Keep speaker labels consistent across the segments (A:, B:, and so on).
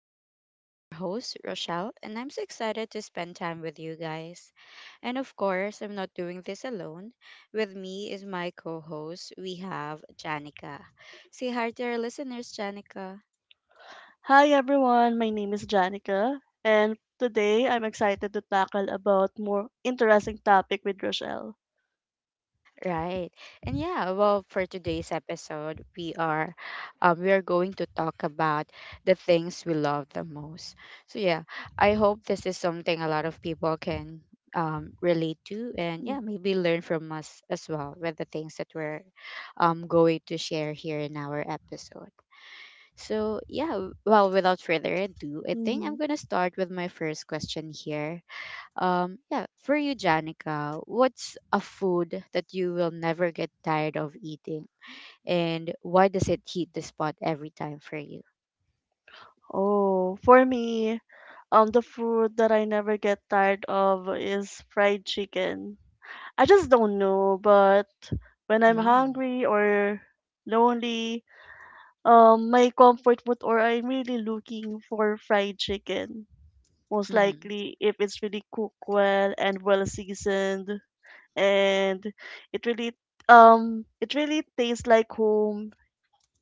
A: talks. I'm your host, Rochelle, and I'm so excited to spend time with you guys. And of course, I'm not doing this alone. With me is my co host, we have Janica. Say hi to our listeners, Janica.
B: Hi everyone, my name is Janica, and today I'm excited to tackle about more interesting topic with Rochelle.
A: Right. And yeah, well, for today's episode, we are going to talk about the things we love the most. So yeah, I hope this is something a lot of people can relate to, and yeah, maybe learn from us as well with the things that we're going to share here in our episode. So yeah, well, without further ado, I think I'm
B: Mm-hmm.
A: going to start with my first question here. Yeah, for you, Janica, what's a food that you will never get tired of eating, and why does it hit the spot every time for you?
B: Oh, for me, the food that I never get tired of is fried chicken. I just don't know, but when I'm
A: Mm,
B: hungry or lonely, my comfort food or I'm really looking for fried chicken. Most
A: mm-hmm,
B: likely, if it's really cooked well and well seasoned. And it really it really tastes like home,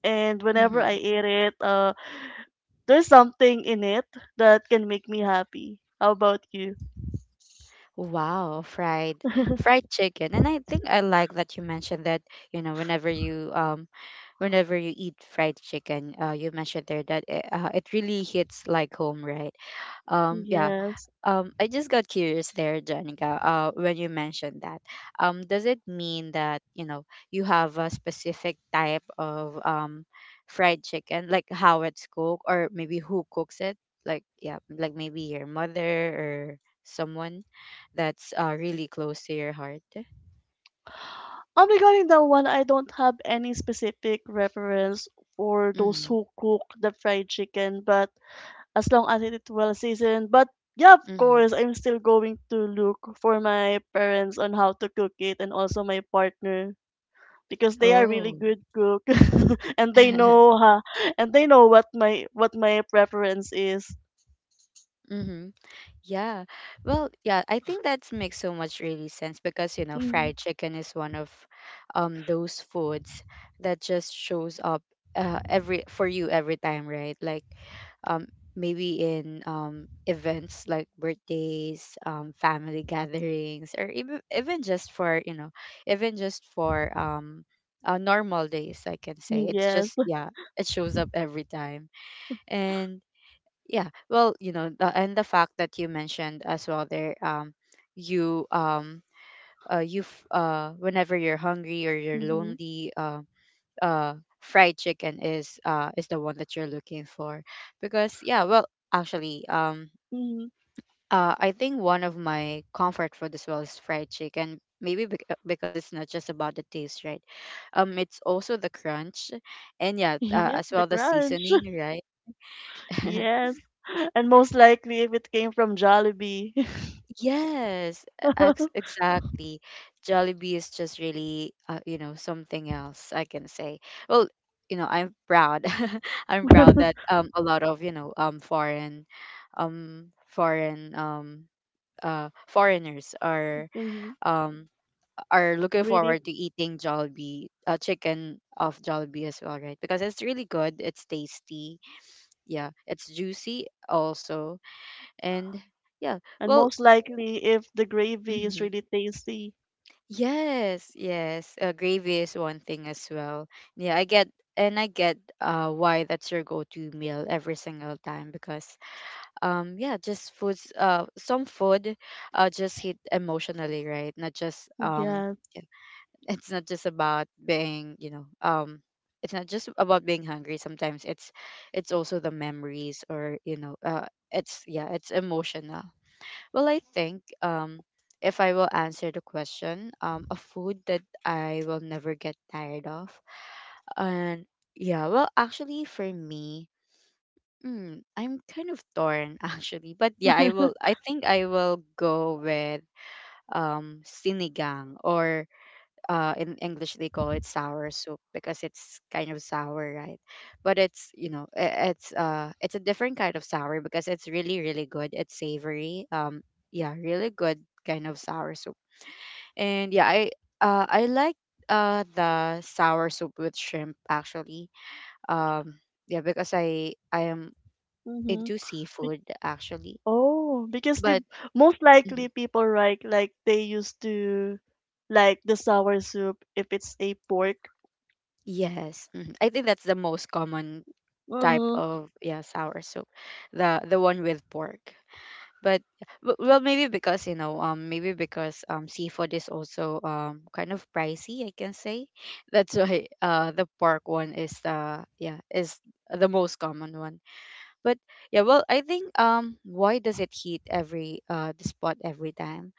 B: and whenever
A: mm-hmm.
B: I eat it, there's something in it that can make me happy. How about you?
A: Wow, fried fried chicken, and I think I like that you mentioned that. You know, whenever you eat fried chicken, you mentioned there that it, it really hits like home, right? Yeah.
B: Yes.
A: I just got curious there, Janica, when you mentioned that. Does it mean that, you know, you have a specific type of fried chicken, like how it's cooked, or maybe who cooks it? Like, yeah, like maybe your mother or someone that's really close to your heart?
B: Regarding that one, I don't have any specific reference for those
A: Mm-hmm.
B: who cook the fried chicken, but as long as it's well seasoned. But yeah, of
A: Mm-hmm.
B: course, I'm still going to look for my parents on how to cook it, and also my partner because they are really
A: Oh.
B: good cook and they know, and they know what my preference is.
A: Mm-hmm. Yeah. Well, yeah, I think that makes so much really sense because, you know,
B: Mhm.
A: fried chicken is one of those foods that just shows up every for you every time, right? Like um maybe in events like birthdays, family gatherings, or even just for, you know, even just for normal days, I can say. It's
B: Yes.
A: just yeah, it shows up every time. And. Yeah, well, you know, and the fact that you mentioned as well there, you whenever you're hungry or you're
B: Mm-hmm.
A: lonely, fried chicken is the one that you're looking for, because yeah, well, actually,
B: Mm-hmm.
A: I think one of my comfort food as well is fried chicken. Maybe because it's not just about the taste, right? It's also the crunch, and yeah,
B: Yes,
A: as
B: the
A: well the
B: crunch.
A: seasoning, right?
B: Yes. And most likely if it came from Jollibee.
A: Yes, e- ex exactly. Jollibee is just really, you know, something else I can say. Well, you know, I'm proud. I'm proud that a lot of, you know, foreign foreigners
B: Mhm.
A: um are looking
B: Really
A: forward to eating Jollibee, chicken of Jollibee as well, right? Because it's really good, it's tasty. Yeah, it's juicy also. And yeah,
B: and
A: well,
B: most likely if the gravy is
A: mhm.
B: really tasty.
A: Yes, yes. Gravy is one thing as well. Yeah, I get and I get why that's your go-to meal every single time because yeah, just foods some food just hit emotionally, right? Not just
B: Yes.
A: yeah, it's not just about being, you know, it's not just about being hungry. Sometimes it's also the memories, or you know, it's yeah, it's emotional. Well, I think if I will answer the question, a food that I will never get tired of. And yeah, well, actually, for me, mm, I'm kind of torn actually. But yeah, I think I will go with sinigang, or in English they call it sour soup because it's kind of sour, right? But it's you know, it's a different kind of sour because it's really really good, it's savory, yeah, really good kind of sour soup. And yeah, I like the sour soup with shrimp actually, um yeah, because I am
B: Mm-hmm.
A: into
B: Be-
A: seafood actually.
B: Oh, because they
A: But
B: most likely
A: mhm,
B: people right like they used to like the sour soup if it's a pork.
A: yes mhm, I think that's the most common type
B: Mhm,
A: of yeah sour soup, the one with pork. But well, maybe because you know, maybe because seafood is also kind of pricey, I can say. That's why the pork one is the yeah is the most common one. But yeah, well, I think why does it heat every the spot every time?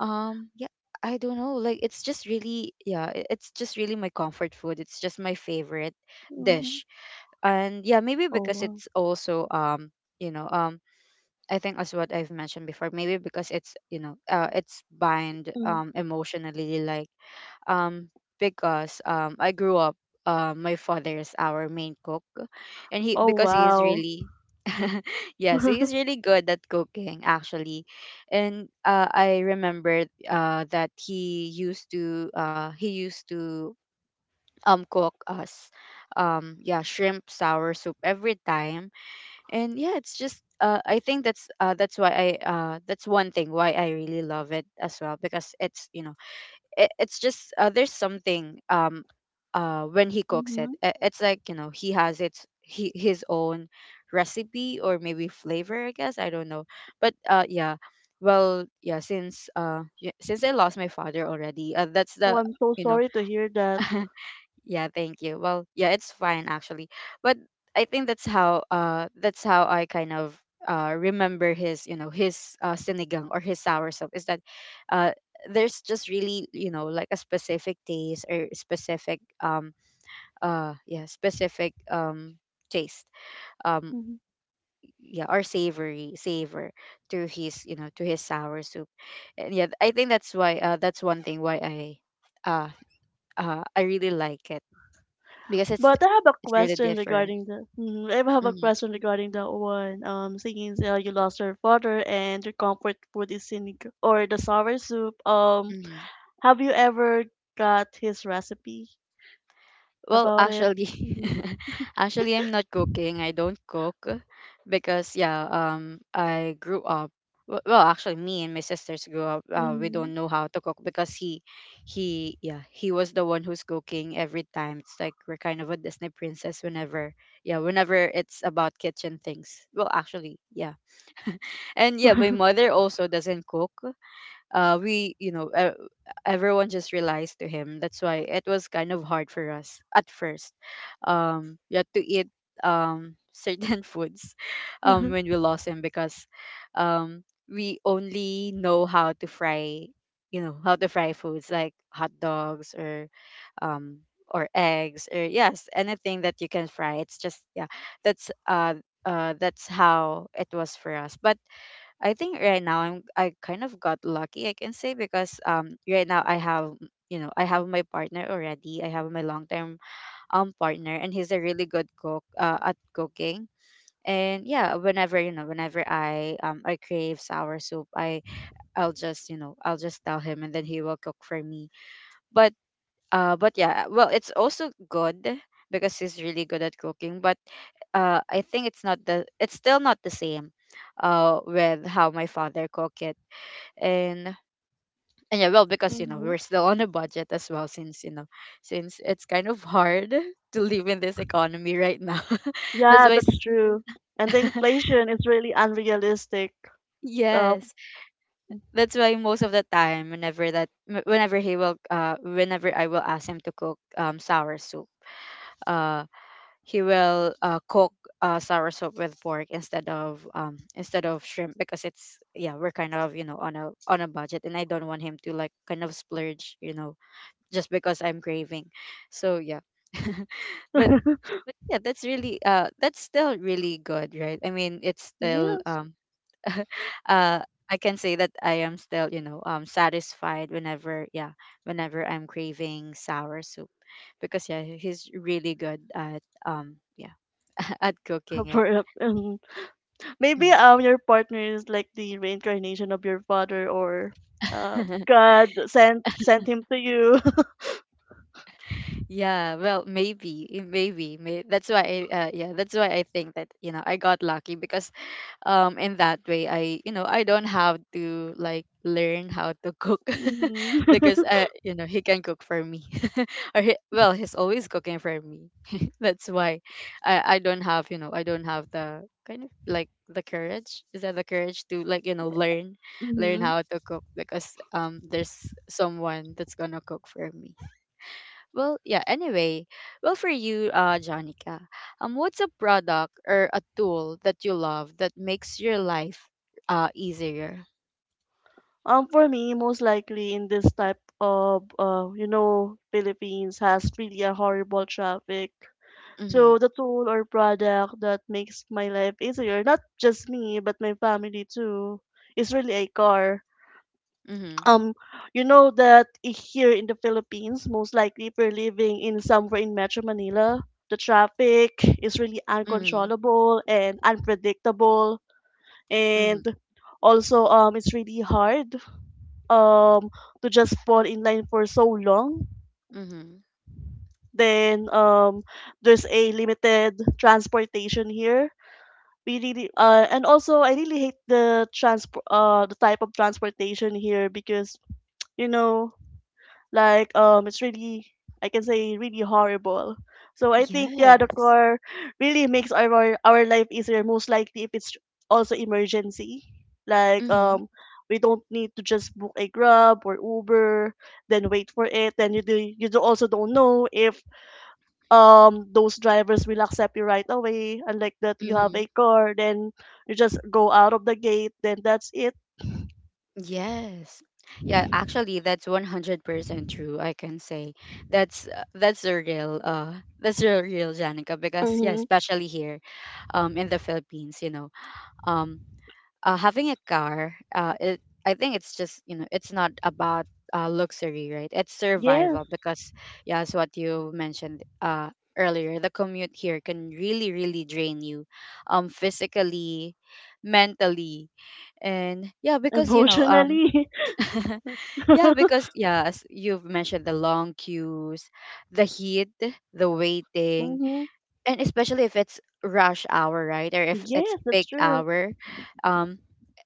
A: Yeah, I don't know. Like it's just really yeah, it's just really my comfort food. It's just my favorite
B: mhm.
A: dish. And yeah, maybe
B: Oh,
A: because
B: wow.
A: it's also you know I think as what I've mentioned before, maybe because it's you know it's bind
B: Mm.
A: emotionally, like um because I grew up, my father is our main cook. And
B: Oh,
A: he is
B: wow.
A: really yes, he is really good at cooking actually. And I remember that he used to cook us yeah, shrimp sour soup every time. And yeah, it's just I think that's why I that's one thing why I really love it as well because it's you know it's just there's something when he cooks it,
B: Mhm.
A: it's like you know he has its he, his own recipe, or maybe flavor I guess, I don't know. But yeah. Well yeah, since since I lost my father already, that's
B: Oh,
A: the
B: I'm so
A: you know
B: sorry to hear that.
A: Yeah, thank you. Well, yeah, it's fine actually. But I think that's how I kind of remember his, you know, his sinigang, or his sour soup, is that uh there's just really, you know, like a specific taste, or specific yeah, specific taste. Um
B: Mhm.
A: yeah, or savory savor to his, you know, to his sour soup. And yeah, I think that's why that's one thing why uh I really like it because
B: But I have a
A: it's really
B: question
A: different.
B: regarding the. Mhm, I have a
A: Hmm.
B: question regarding that one. Since, you lost your father and your comfort food is sinig or the sour soup.
A: Hmm.
B: Have you ever got his recipe
A: Well,
B: about it?
A: actually,
B: Mhm,
A: actually, I'm not cooking. I don't cook because yeah, I grew up. Well, actually, me and my sisters grew up. We
B: mhm,
A: don't know how to cook because yeah, he was the one who's cooking every time. It's like we're kind of a Disney princess whenever, yeah, whenever it's about kitchen things. Well, actually, yeah, and yeah, my mother also doesn't cook. We you know everyone just relies to him, that's why it was kind of hard for us at first. Um, we had to eat certain foods
B: mhm.
A: when we lost him because we only know how to fry, you know how to fry foods like hot dogs, um or eggs, or yes anything that you can fry. It's just yeah, that's uh that's how it was for us. But I think right now I kind of got lucky I can say, because right now I have you know I have my partner already, I have my long term partner, and he's a really good cook at cooking. And yeah, whenever you know whenever I crave sour soup, I'll just you know I'll just tell him and then he will cook for me. But but yeah, well, it's also good because he's really good at cooking. But I think it's still not the same with how my father cook it. and and yeah, well, because you know we're still on a budget as well, since you know since it's kind of hard to live in this economy right now. that's
B: Yeah,
A: why
B: that's
A: s-
B: true. And the inflation is really unrealistic. Uh,
A: yes, that's why most of the time whenever he will whenever I will ask him to cook sour soup, uh he will cook sour soup with pork, instead of shrimp, because it's yeah we're kind of you know on a budget, and I don't want him to like kind of splurge you know, just because I'm craving. So yeah. but but yeah, that's really that's still really good, right? I mean, it's still
B: yes.
A: uh I can say that I am still, you know, satisfied whenever yeah, whenever I'm craving sour soup, because yeah, he's really good at yeah, at cooking it.
B: For, maybe
A: Mm.
B: your partner is like the reincarnation of your father, or God sent him to you.
A: Yeah, well, maybe, eh, maybe, may that's why yeah, that's why I think that, you know, I got lucky because in that way I you know I don't have to like learn how to cook
B: Hmm.
A: because you know he can cook for me. Or he, well he's always cooking for me. That's why I don't have you know I don't have the kind of like the courage to like you know learn
B: Hmm.
A: how to cook, because there's someone that's gonna cook for me. Well, yeah, anyway. Well, for you, Janica, what's a product or a tool that you love that makes your life easier?
B: For me, most likely in this type of, you know, Philippines has really a horrible traffic.
A: Mm-hmm.
B: So the tool or product that makes my life easier, not just me but my family too, is really a car.
A: Mm-hmm.
B: Um, you know that here in the Philippines, most likely if we're living in somewhere in Metro Manila, the traffic is really
A: Mm-hmm.
B: uncontrollable and unpredictable, and
A: Mm-hmm.
B: also, um, it's really hard um to just fall in line for so long.
A: Mm-hmm.
B: Then, um, there's a limited transportation here. We really, uh, and also I really hate the transport, the type of transportation here, because you know, like, it's really, I can say, really horrible. So I think yeah, the
A: Yes.
B: car really makes our life easier. Most likely if it's also emergency, like,
A: Mm-hmm.
B: we don't need to just book a Grab or Uber, then wait for it. Then you do also don't know if, um, those drivers will accept you right away. Unlike that, you have
A: Mm-hmm.
B: a car, then you just go out of the gate, then that's it.
A: Yes. Yeah, actually, that's 100% true, I can say. That's the real that's the real Janica because yeah,
B: Mm-hmm.
A: especially here in the Philippines, you know. um, Having a car, I think it's just, you know, it's not about luxury, right? It's survival
B: Yes,
A: because yeah, as what you mentioned earlier, the commute here can really drain you, physically, mentally, and yeah, because you know
B: emotionally.
A: Yeah, because yeah, as you've mentioned, the long queues, the heat, the waiting,
B: Mm-hmm.
A: and especially if it's rush hour, right, or if it's
B: Yes, that's
A: peak
B: true.
A: hour, um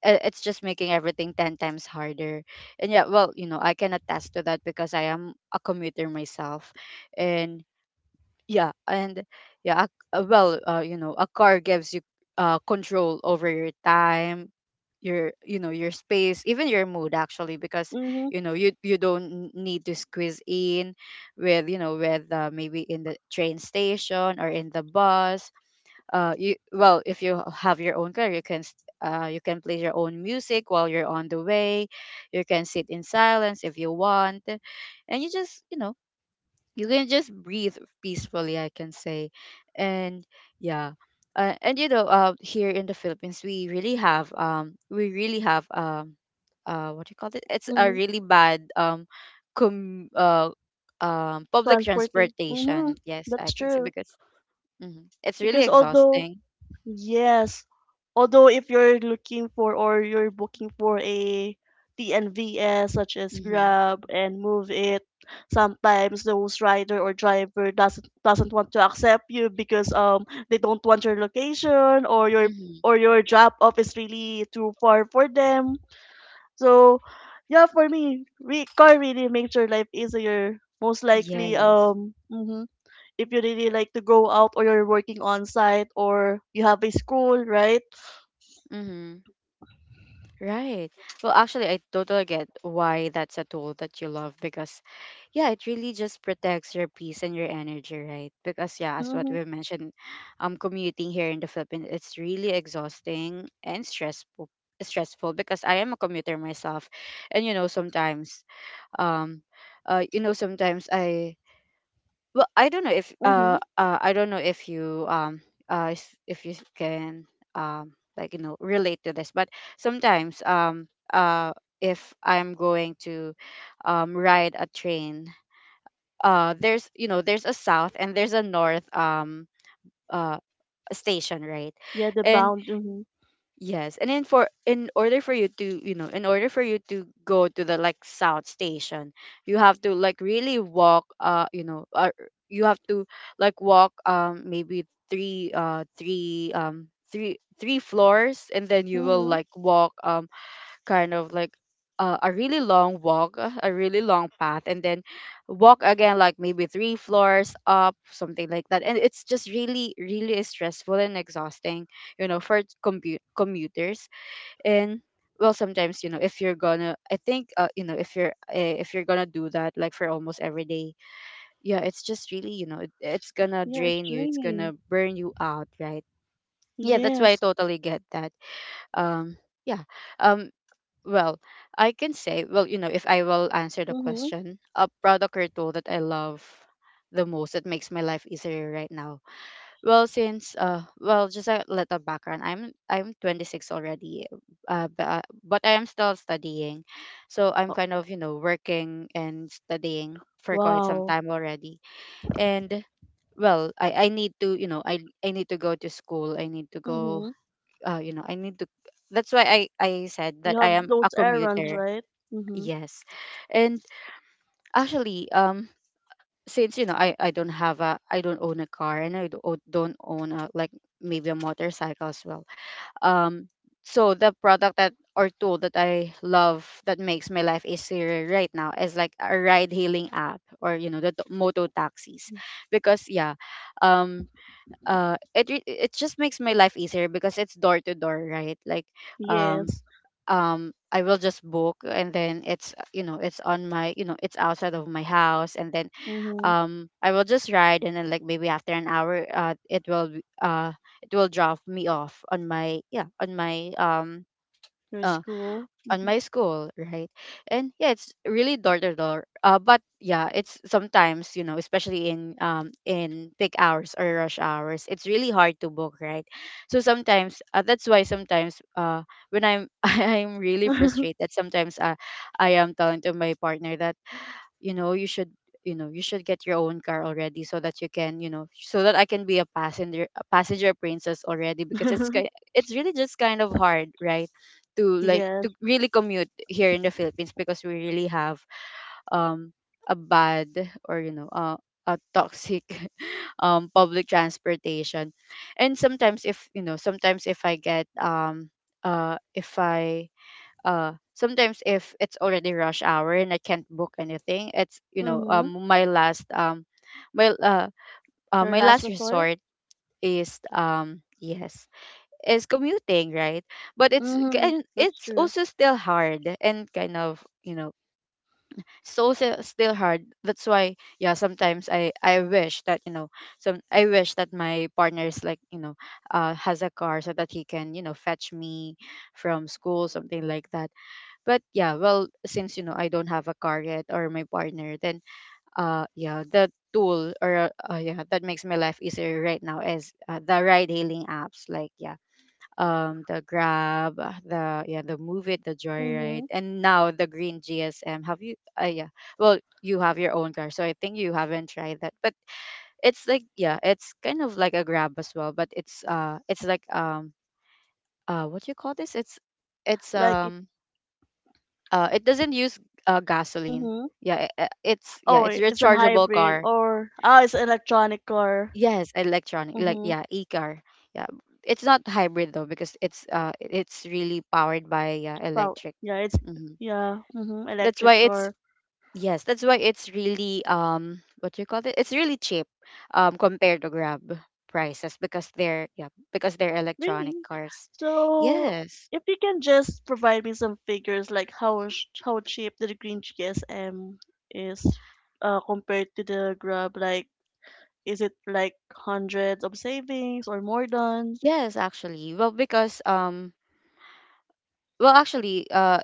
A: it's just making everything 10 times harder. And yeah, well, you know, I can attest to that because I am a commuter myself. And yeah and yeah A, well, you know, a car gives you control over your time, your, you know, your space, even your mood, actually, because
B: Mhm,
A: you know you you don't need to squeeze in with, you know, with maybe in the train station or in the bus. You, well, if you have your own car, you can you can play your own music while you're on the way. You can sit in silence if you want, and you just, you know, you can just breathe peacefully, I can say. And yeah. And you know, here in the Philippines we really have, we really have, what do you call it, it's a
B: mhm.
A: really bad, com- uh, public
B: Transporting.
A: transportation,
B: Mhm,
A: yes, I
B: that's
A: can say,
B: true.
A: because mhm, it's really
B: Because although
A: exhausting.
B: yes, although if you're looking for or you're booking for a TNVS, such as
A: Mm-hmm.
B: Grab and Move It, sometimes those rider or driver doesn't want to accept you because, um, they don't want your location
A: Mm-hmm.
B: or your drop off is really too far for them. So, yeah, for me, car really makes your life easier. Most likely,
A: Yes.
B: mhm, if you really like to go out, or you're working on site, or you have a school, right?
A: Mm-hmm. Right. Well, actually, I totally get why that's a tool that you love because, yeah, it really just protects your peace and your energy, right? Because, yeah, as what
B: Mm-hmm,
A: we mentioned, commuting here in the Philippines, it's really exhausting and stressful. Stressful because I am a commuter myself, and um, you know sometimes I, well, I don't know if
B: mm-hmm.
A: I don't know if you if you can like, you know, relate to this. But sometimes if I'm going to ride a train, there's, you know, there's a south and there's a north uh station, right?
B: Yeah, the
A: And
B: bound. Mm-hmm,
A: yes, and then for, in order for you to, you know, in order for you to go to the like south station, you have to like really walk, you have to like walk maybe three floors and then you will
B: mm-hmm.
A: like walk, kind of like, a really long walk, a really long path, and then walk again, like maybe three floors up, something like that. And it's just really, really stressful and exhausting, you know, for commuters. And, well, sometimes you know, if you're gonna, I think, you know, if you're gonna do that like for almost every day, yeah, it's just really, you know, it's gonna
B: Yeah, it's
A: drain you, it's gonna
B: draining.
A: burn you out, right? Yeah, that's why I
B: Yes.
A: totally get that. Um, yeah. Um, well, I can say, well, you know, if I will answer the
B: Mm-hmm.
A: question, a product or tool that I love the most that makes my life easier right now. Well, since well, just a little background. I'm 26 already, but I am still studying, so I'm
B: Oh,
A: kind of, you know, working and studying for quite some
B: wow.
A: time already. And, well, I need to, you know, I need to go to school. I need to go.
B: Mm-hmm.
A: You know, I need to. That's why I said that
B: You
A: I
B: have
A: am
B: those
A: a
B: errands,
A: commuter.
B: right? Mm-hmm.
A: Yes. And actually, since you know, I don't have a, I don't own a car, and I don't own a like maybe a motorcycle as well. Um, so the product that, or tool that I love that makes my life easier right now is like a ride hailing app, or you know, the moto taxis, because yeah, um it it just makes my life easier because it's door to door, right? Like, um
B: Yes.
A: I will just book and then it's, you know, it's on my, you know, it's outside of my house, and then
B: Mm-hmm.
A: I will just ride and then, like maybe after an hour, uh it will drop me off on my, yeah, on my,
B: Your
A: uh
B: school.
A: on my school, right? And yeah, it's really door to door. But yeah, it's sometimes, you know, especially in, in peak hours or rush hours, it's really hard to book, right? So sometimes that's why sometimes when I'm I'm really
B: Mm-hmm.
A: frustrated, sometimes I am telling to my partner that, you know, you should, you know, you should get your own car already so that you can, you know, so that I can be a passenger, a passenger princess already, because it's really just kind of hard, right, to like
B: Yes.
A: to really commute here in the Philippines, because we really have um a bad or, you know, a toxic public transportation. And sometimes if, you know, sometimes if I get if I sometimes if it's already rush hour and I can't book anything, it's, you know,
B: Mm-hmm.
A: my last my uh,
B: Your
A: my
B: last
A: last
B: resort.
A: resort is, yes, is commuting, right? But it's,
B: Mm-hmm.
A: and
B: That's
A: it's
B: true.
A: also still hard and kind of, you know, it's also still hard. That's why, yeah, sometimes I wish that, you know, some I wish that my partner is, like, you know, has a car so that he can, you know, fetch me from school, something like that. But yeah, well, since you know, I don't have a car yet, or my partner, then yeah, the tool or yeah, that makes my life easier right now is, the ride-hailing apps, like, yeah, the Grab, the, yeah, the Move It, the Joyride,
B: Mhm.
A: and now the Green GSM. Have you? Yeah, well, you have your own car, so I think you haven't tried that. But it's like, yeah, it's kind of like a Grab as well, but it's like, what do you call this? It's, it's
B: Like it.
A: um it doesn't use gasoline.
B: Mhm.
A: Yeah, it's, yeah,
B: Oh
A: it's
B: wait, it's an
A: rechargeable
B: hybrid?
A: car.
B: Or ah, it's electronic car.
A: Yes, electronic, like,
B: Mhm.
A: yeah, e-car. Yeah, it's not hybrid though, because it's really powered by,
B: Well
A: electric.
B: yeah, it's
A: Hmm.
B: yeah, mhm,
A: That's why
B: electric
A: it's,
B: car.
A: yes, that's why it's really, what do you call it, it's really cheap, compared to Grab prices, because they're, yeah, because they're
B: Really?
A: electronic cars.
B: So
A: Yes.
B: if you can just provide me some figures like how how cheap the green GSM is, compared to the Grab, like, is it like hundreds of savings or more than?
A: Yes, actually, well, because um, well, actually, uh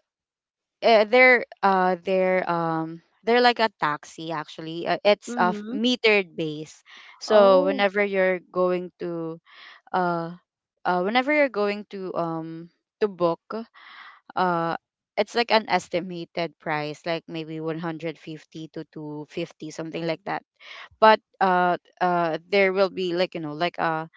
A: uh, they're, they're like a taxi, actually. It's a
B: Mm-hmm.
A: metered base. So
B: Oh.
A: whenever you're going to uh whenever you're going to book, uh it's like an estimated price, like maybe 150 to 250, something like that. But there will be, like, you know, like a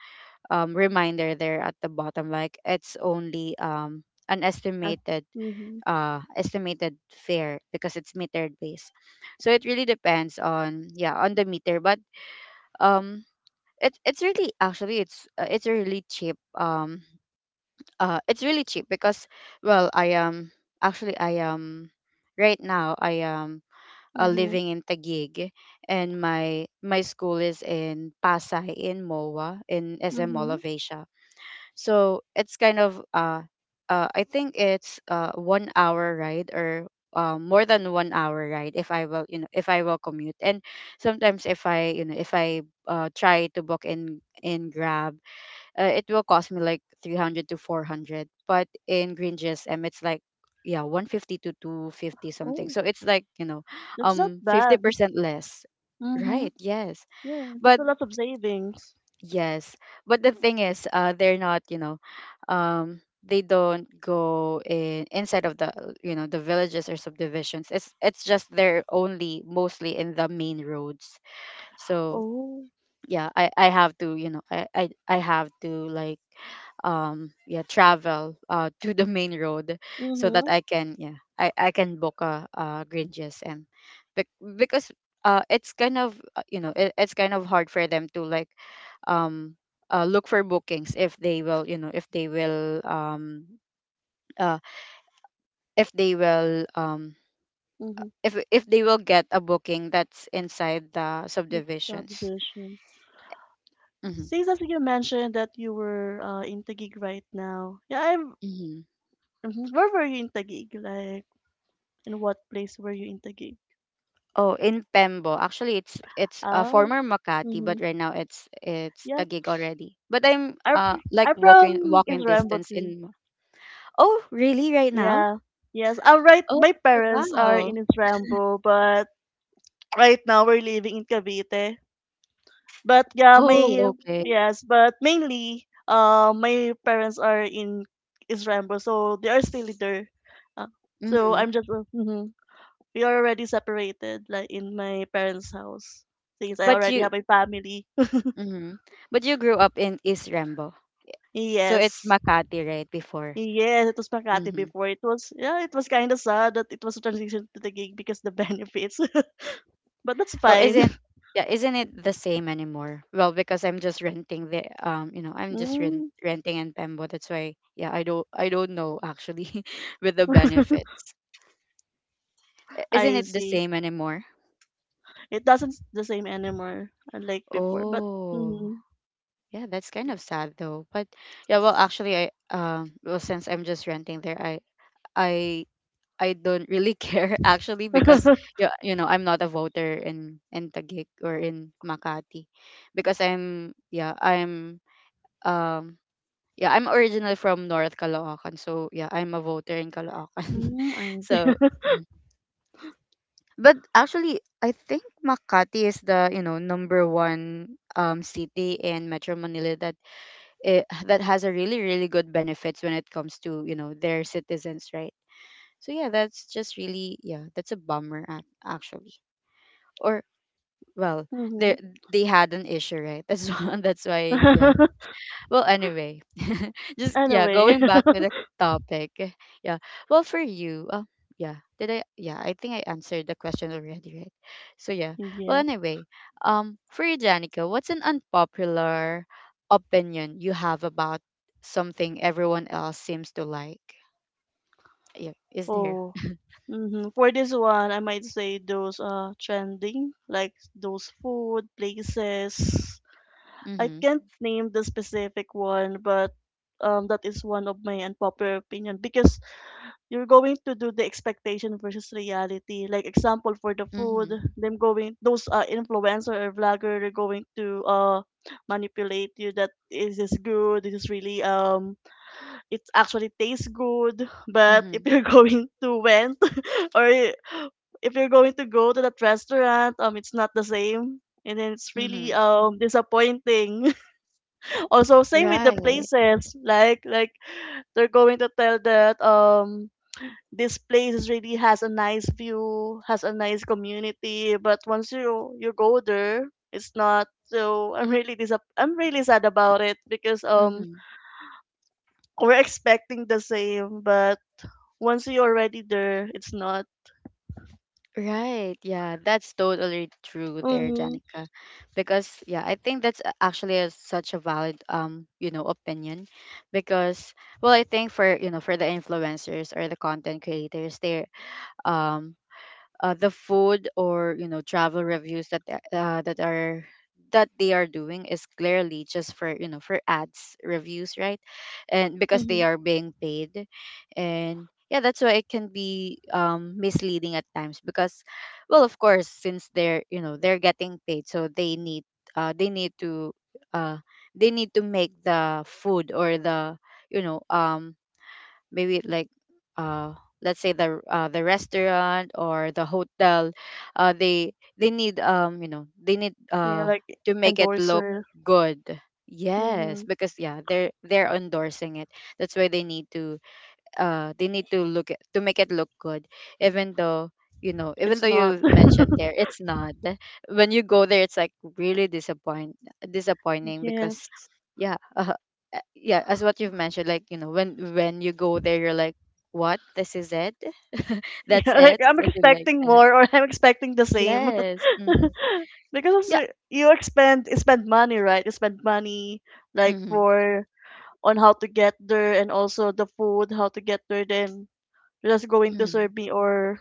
A: reminder there at the bottom, like, it's only, an
B: Uh,
A: estimated,
B: mm-hmm.
A: estimated fare, because it's metered based. So it really depends on, yeah, on the meter. But um it's really, actually, it's, it's really cheap, it's really cheap because, well, I am, actually I am, right now I am,
B: Mm-hmm.
A: living in Taguig, and my school is in Pasay, in MOA, in SM Mall
B: Mm-hmm.
A: of Asia. So it's kind of, I think it's 1 hour ride, or more than 1 hour ride, if I will, you know, if I will commute. And sometimes if I, you know, if I try to book in Grab, it will cost me like 300 to 400. But in Green GSM it's like, yeah, 150 to 250 something,
B: Oh,
A: so it's like, you know,
B: that's not bad.
A: 50% less,
B: Mhm,
A: right? Yes,
B: yeah, that's
A: but
B: a lot of savings.
A: yes. But the thing is, they're not, you know, um, they don't go in, inside of the, you know, the villages or subdivisions. It's just, they're only mostly in the main roads. So
B: Oh.
A: yeah, I have to, you know, I have to, like, yeah, travel to the main road so that
B: Mhm,
A: I can, yeah, I can book a Green GSM. Because it's kind of, you know, it's kind of hard for them to like um look for bookings, if they will, you know, if they will uh if they will
B: mhm,
A: if they will get a booking that's inside the
B: that's
A: subdivisions.
B: subdivision. Since as you mentioned that you were, in Taguig right now, yeah, I'm.
A: Mm-hmm.
B: Mhm, where were you in Taguig? Like, in what place were you in Taguig?
A: Oh, in Pembo. Actually, it's a
B: Oh,
A: former Makati, but
B: mhm,
A: right now it's
B: yeah.
A: Taguig already. But I'm like
B: I'm
A: walking
B: from
A: walking
B: Isrambo
A: distance
B: too.
A: in. Oh, really? Right now?
B: Yeah, yes. I'm right.
A: Oh,
B: My parents are
A: wow.
B: in Isrambo, but right now we're living in Cavite. But yeah,
A: Oh,
B: my
A: okay.
B: yes, but mainly, my parents are in Israel, so they are still there. Uh, so
A: Mm-hmm.
B: I'm just mhm. We are already separated, like in my parents' house, since I
A: But
B: already
A: you,
B: have a family.
A: mm-hmm. But you grew up in East Rembo, so it's
B: Yes.
A: Makati, right? Before.
B: Yes, it was Makati
A: Mm-hmm.
B: before. It was yeah, it was kind of sad that it was a transition to the gig, because the benefits. But that's
A: Oh,
B: fine.
A: isn't yeah, isn't it the same anymore? Well, because I'm just renting the I'm just
B: Mm.
A: renting in Pembo. That's why yeah, I don't know actually with the benefits. Isn't
B: I
A: it the
B: see.
A: same anymore?
B: It doesn't the same anymore, unlike before. But
A: Oh.
B: mhm.
A: Yeah, that's kind of sad though. But yeah, well actually I well since I'm just renting there, I I don't really care actually because yeah you know, I'm not a voter in Taguig or in Makati because I'm yeah, I'm um yeah, I'm originally from North Caloocan, so yeah, I'm a voter in Caloocan.
B: Mm, I
A: So, mm. but actually, I think Makati is the you know number one city in Metro Manila that has a really really good benefits when it comes to you know their citizens, right? So yeah, that's just really yeah, that's a bummer actually. Or well,
B: mhm.
A: they they had an issue, right? That's why yeah. Well, anyway, just yeah,
B: Anyway,
A: going back to the topic. Yeah. Well, for you, yeah. Did I? Yeah, I think I answered the question already, right? So yeah. Well,
B: yes.
A: anyway, for you, Janica, what's an unpopular opinion you have about something everyone else seems to like? Yeah, is there?
B: Oh, hmm. For this one, I might say those, trending, like those food places. I
A: Mm-hmm.
B: can't name the specific one, but, that is one of my unpopular opinion because you're going to do the expectation versus reality. Like example for the food,
A: Mm-hmm.
B: them going those, influencer or vlogger are going to manipulate you that is this is good, this is really, um, it actually tastes good. But if
A: Mm-hmm.
B: you're going to went or if you're going to go to that restaurant, it's not the same. And then it's really,
A: Mm-hmm.
B: um, disappointing. Also, same with the
A: Right.
B: places. Like they're going to tell that, um, this place is really has a nice view, has a nice community. But once you go there, it's not. So I'm really disap I'm really sad about it because, um,
A: Mm-hmm.
B: we're expecting the same, but once you're already there, it's not.
A: Right. Yeah, that's totally true there,
B: Mm-hmm.
A: Janica. Because yeah, I think that's actually a, such a valid you know, opinion because well, I think for, you know, for the influencers or the content creators, um the food or you know travel reviews that are that they are doing is clearly just for you know for ads reviews, right, and because they
B: Mm-hmm.
A: are being paid and yeah, that's why it can be misleading at times because well of course since they're you know they're getting paid so uh they need to uh they need to make the food or the you know maybe like uh let's say the restaurant or the hotel they need you know they need
B: Yeah, like
A: to make it look
B: endorser.
A: good.
B: Mm-hmm.
A: Yes, because yeah they're endorsing it, that's why they need to look at, to make it look good, even though you know even
B: It's
A: though
B: not.
A: you mentioned there it's not when you go there it's like really disappointing because
B: Yes.
A: yeah yeah as what you've mentioned like you know when you go there you're like what this is it. That's
B: Yeah, like
A: it,
B: I'm
A: something like
B: expecting
A: that.
B: more, or I'm expecting the same.
A: Yes. Hmm.
B: Because
A: Yeah.
B: also, you expend you spend money, right? You spend money like
A: Hmm.
B: for on how to get there and also the food, how to get there, then you're just going to serve
A: Hmm.
B: me or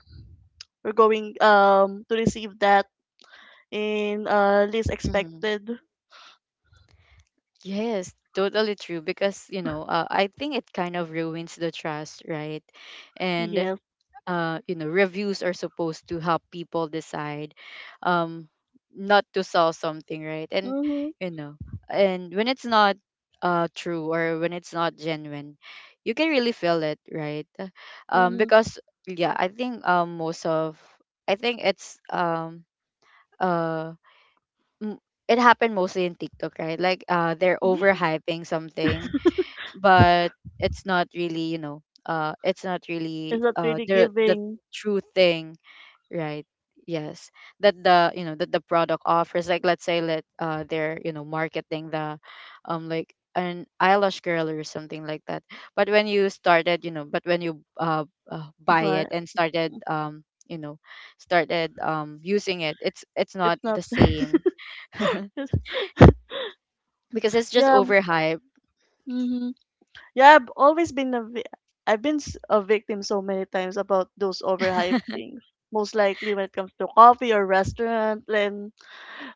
B: we're going, to receive that in, least
A: Hmm.
B: expected.
A: Yes, totally true because you know I think it kind of ruins the trust, right, and
B: Yes.
A: you know reviews are supposed to help people decide, um not to sell something, right, and
B: Mm-hmm.
A: you know. And when it's not true or when it's not genuine you can really feel it, right,
B: Mm-hmm.
A: because yeah I think most of I think uh m- it happened mostly in TikTok, right, like they're
B: Yeah.
A: overhyping something but it's not really you know it's not really
B: It's not really
A: the
B: giving,
A: true thing, right. Yes, that the you know that the product offers, like let's say let they're you know marketing the like an eyelash curler or something like that, but when you started you know but when you buy it
B: but
A: and started you know started using it it's
B: it's
A: not
B: not.
A: the same. Because it's just
B: Yeah,
A: overhyped.
B: hmm, yeah. I've been a victim so many times about those overhyped things. Most likely when it comes to coffee or restaurant, then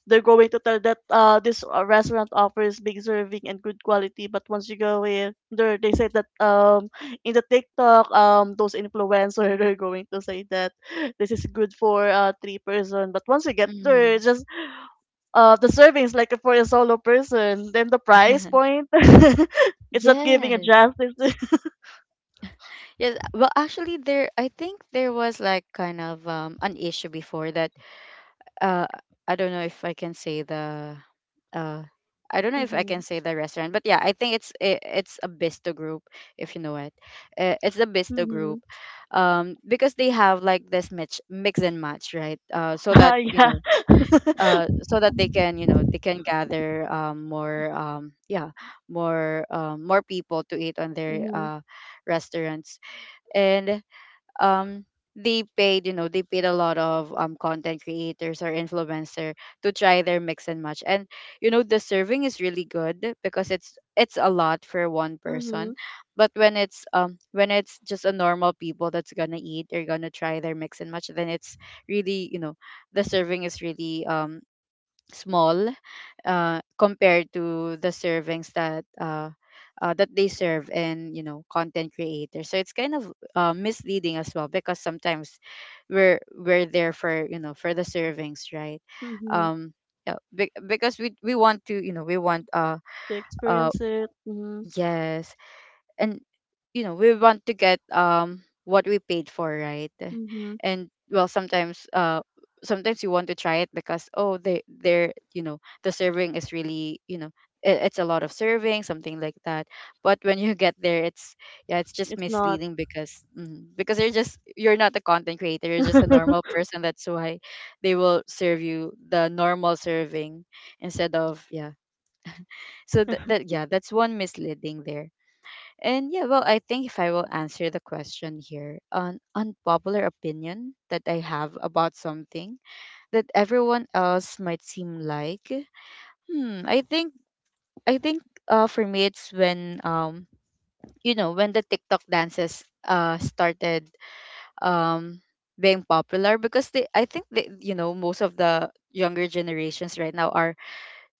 B: they're going to tell that, this, restaurant offers big serving and good quality, but once you go in, they say that, um, in the TikTok, um, those influencers are going to say that this is good for, three person, but once you get there,
A: Hmm.
B: it's just, the servings like for a solo person. Then the price point, it's not giving a
A: Yes.
B: justice.
A: Yes. Well, actually, there, I think there was like kind of an issue before that uh I don't know if I can say the uh I don't know if I can
B: Mm-hmm.
A: say the restaurant, but yeah, I think it's a Bisto group if you know it. It's the Bisto
B: Hmm.
A: group, because they have like this mix and match, right? So
B: Ah,
A: that you
B: yeah.
A: know, so that they can you know they can gather more yeah more more people to eat on their
B: Mm-hmm.
A: restaurants, and um they paid you know they paid a lot of content creators or influencer to try their mix and match, and you know the serving is really good because it's a lot for one person.
B: Hmm.
A: But when it's just a normal people that's gonna eat they're gonna try their mix and match, then it's really you know the serving is really small, compared to the servings that that they serve in you know content creators. So it's kind of misleading as well because sometimes we're there for you know for the servings, right,
B: Hmm.
A: um yeah, because we want to you know we want uh
B: To
A: uh
B: experience it, hmm.
A: Yes, and you know we want to get what we paid for, right,
B: Hmm,
A: and well sometimes sometimes you want to try it because oh they they're you know the serving is really you know it's a lot of serving something like that, but when you get there it's yeah it's just
B: it's not.
A: misleading because because you're just you're not a content creator, you're just a normal person, that's why they will serve you the normal serving instead of yeah. So that yeah that's one misleading there. And yeah, well, I think if I will answer the question here, an unpopular opinion that I have about something that everyone else might seem like, hmm, I think for me it's when you know when the TikTok dances started um being popular because they I think they you know most of the younger generations right now are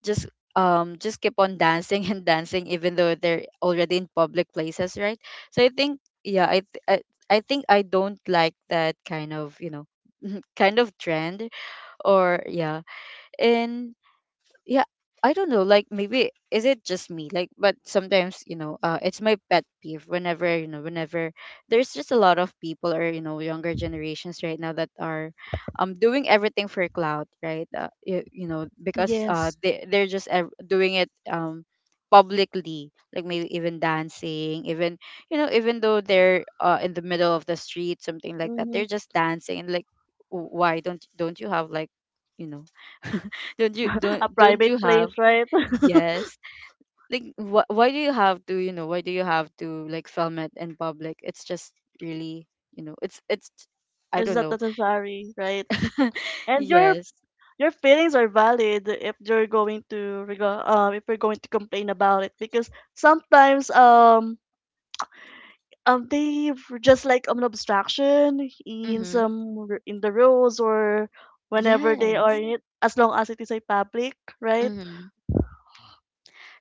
A: just just keep on dancing and dancing even though they're already in public places, right. So I think yeah I think I don't like that kind of you know kind of trend or yeah. And yeah I don't know like maybe is it just me like, but sometimes you know it's my pet peeve whenever you know whenever there's just a lot of people or you know younger generations right now that are doing everything for clout, right, you know because
B: Yes.
A: they're just doing it publicly, like maybe even dancing even you know even though they're in the middle of the street something like that,
B: Hmm.
A: they're just dancing and like why don't you have like you know
B: A
A: don't you
B: private place,
A: have.
B: right?
A: Yes. Like why do you have to you know why do you have to like film it in public? It's just really you know it's I
B: It's
A: don't
B: not
A: know.
B: necessary, right? And
A: Yes.
B: your feelings are valid if you're going to um, if you're going to complain about it because sometimes, um, um, they were just like, an abstraction in
A: Mm-hmm.
B: some in the rules, or whenever they are
A: Yes.
B: in it as long as it is a public, right?
A: Mm-hmm.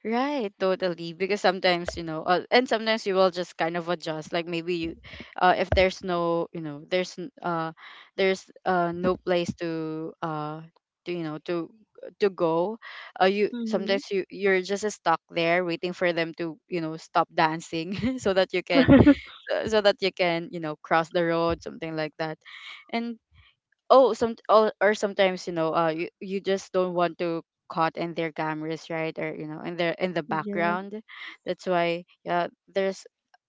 A: Right, totally. Because sometimes, you know, and sometimes you will just kind of adjust. Like maybe you, if there's no, you know, there's no place to you know to go. You
B: Mm-hmm.
A: sometimes you're just stuck there waiting for them to you know stop dancing so that you can so that you can you know cross the road something like that, and or sometimes you know you just don't want to caught in their cameras, right, or you know in their in the
B: Yes.
A: background, that's why yeah there's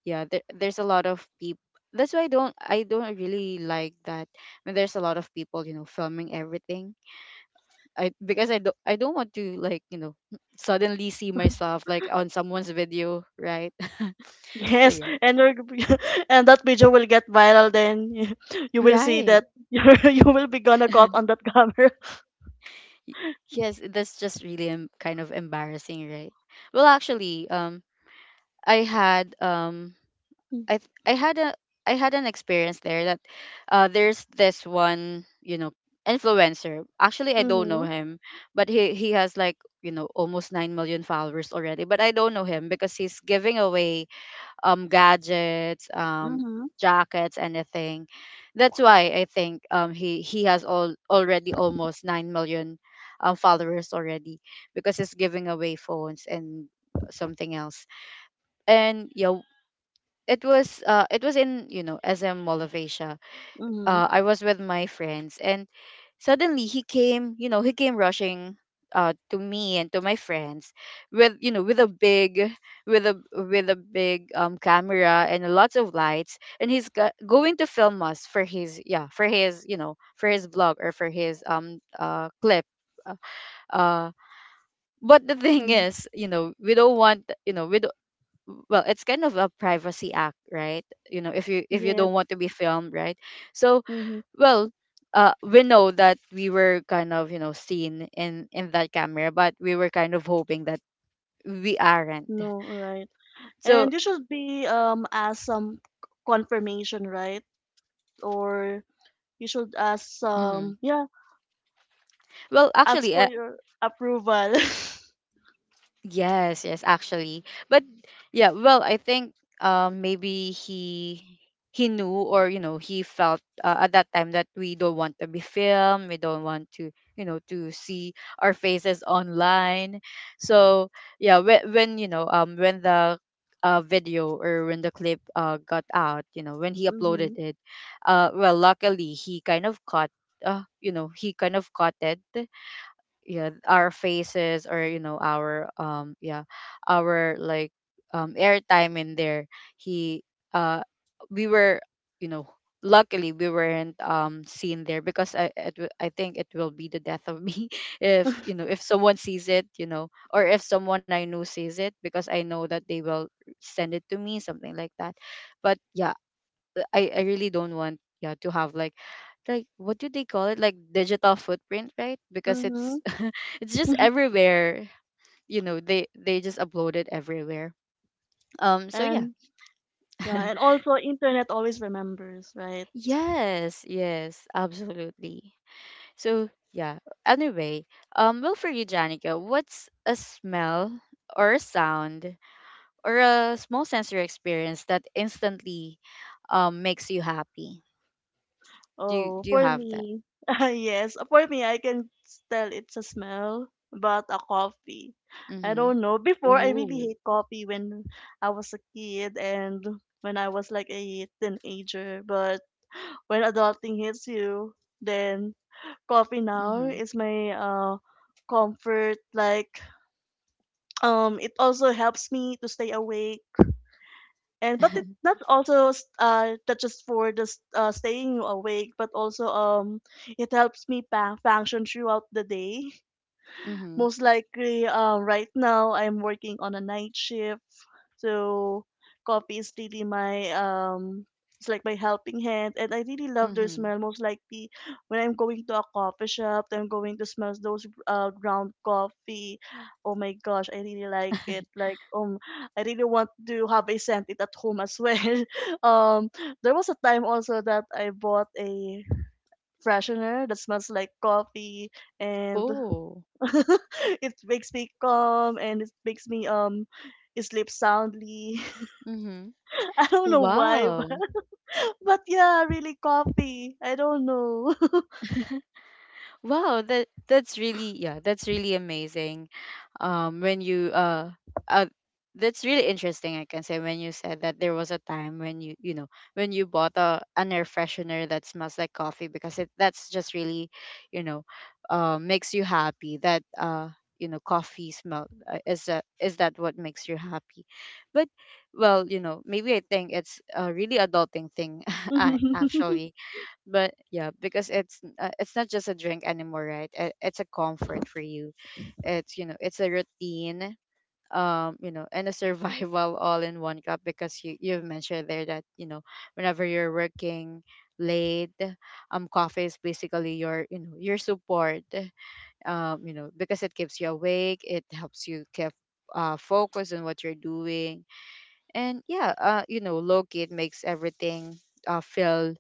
A: yeah there's a lot of people, that's why I don't really like that when there's a lot of people you know filming everything, I because I don't want to like you know suddenly see myself like on someone's video, right. So
B: Yes,
A: yeah.
B: and you're, and that video will get viral, then you will see
A: Right.
B: that you're, you will be gonna caught on that camera.
A: Y- Yes, that's just really kind of embarrassing, right? Well, actually, I had I had a I had an experience there that there's this one you know influencer. Actually, I don't know
B: Mm-hmm,
A: him, but he has like you know almost 9 million followers already. But I don't know him because he's giving away gadgets,
B: mm-hmm,
A: jackets, anything. That's why I think he has all already almost 9 million followers already because he's giving away phones and something else. And yeah, it was in you know SM Mall of Asia.
B: mm-hmm,
A: I was with my friends, and suddenly he came, you know, he came rushing to me and to my friends with, you know, with a big camera and lots of lights, and he's going to film us for his, yeah, for his, you know, for his vlog or for his clip. Uh, uh, but the thing
B: mm-hmm.
A: is, we don't want, we don't. Well, it's kind of a privacy act, right? You know, if you
B: Yes.
A: don't want to be filmed, right? So,
B: Mm-hmm.
A: well, we know that we were kind of, you know, seen in that camera, but we were kind of hoping that we aren't.
B: No, right. And
A: So
B: you should be, um, asked some confirmation, right? Or you should ask,
A: mhm.
B: um, yeah,
A: Well,
B: ask
A: actually,
B: for your approval.
A: yes, yes, actually. But yeah, well, I think maybe he knew, or, you know, he felt, at that time, that we don't want to be filmed, we don't want to, you know, to see our faces online. So, yeah, when the video, or when the clip got out, you know, when he uploaded
B: Mm-hmm.
A: it, well, luckily he kind of caught, he kind of caught it yeah our faces, or you know, our our like airtime in there. He uh we were you know Luckily we weren't seen there, because I think it will be the death of me if you know, if someone sees it, you know, or if someone I know sees it, because I know that they will send it to me, something like that. But yeah, I really don't want, yeah, to have like, what do they call it, like digital footprint, right? Because
B: Mm-hmm.
A: it's it's just everywhere. You know, they just upload it everywhere. So yeah.
B: And yeah, and also internet always remembers, right?
A: Yes, yes, absolutely. So yeah, anyway, well, for you, Janica, what's a smell or a sound or a small sensory experience that instantly makes you happy? do you
B: Oh,
A: do you
B: for
A: have that?
B: me, yes, for me I can tell, it's a smell, but a coffee. I
A: Mm-hmm.
B: don't know, before I really
A: Oh.
B: hate coffee when I was a kid and when I was like a teenager, but when adulting hits you, then coffee now is my, uh, comfort. Like, um, it also helps me to stay awake, and but it not also, not just for just, staying awake, but also, um, it helps me function throughout the day.
A: Mhm.
B: Most likely, right now I'm working on a night shift, so coffee is really my, um, it's like my helping hand, and I really love their
A: Mhm.
B: smell. Most likely when I'm going to a coffee shop, I'm going to smell those, ground coffee. Oh my gosh, I really like it. Like, I really want to have a scent it at home as well. um, there was a time also that I bought a freshener that smells like coffee and
A: Oh.
B: it makes me calm and it makes me sleep soundly.
A: Mhm.
B: I don't know why,
A: Wow.
B: but yeah, really coffee. I don't know.
A: Wow, that's really, yeah, that's really amazing. When you uh that's really interesting, I can say, when you said that there was a time when you know, when you bought a an air freshener that smells like coffee, because it, that's just really, you know, makes you happy that, you know, coffee smell, is that, is that what makes you happy? But well, you know, maybe I think it's a really adulting thing. Actually, but yeah, because it's, it's not just a drink anymore, right? It's a comfort for you. It's, you know, it's a routine, you know, and a survival all in one cup, because you've mentioned there that, you know, whenever you're working late, coffee is basically your, you know, your support. You know, because it keeps you awake, it helps you keep focus on what you're doing. And yeah, you know, low key, it makes everything feel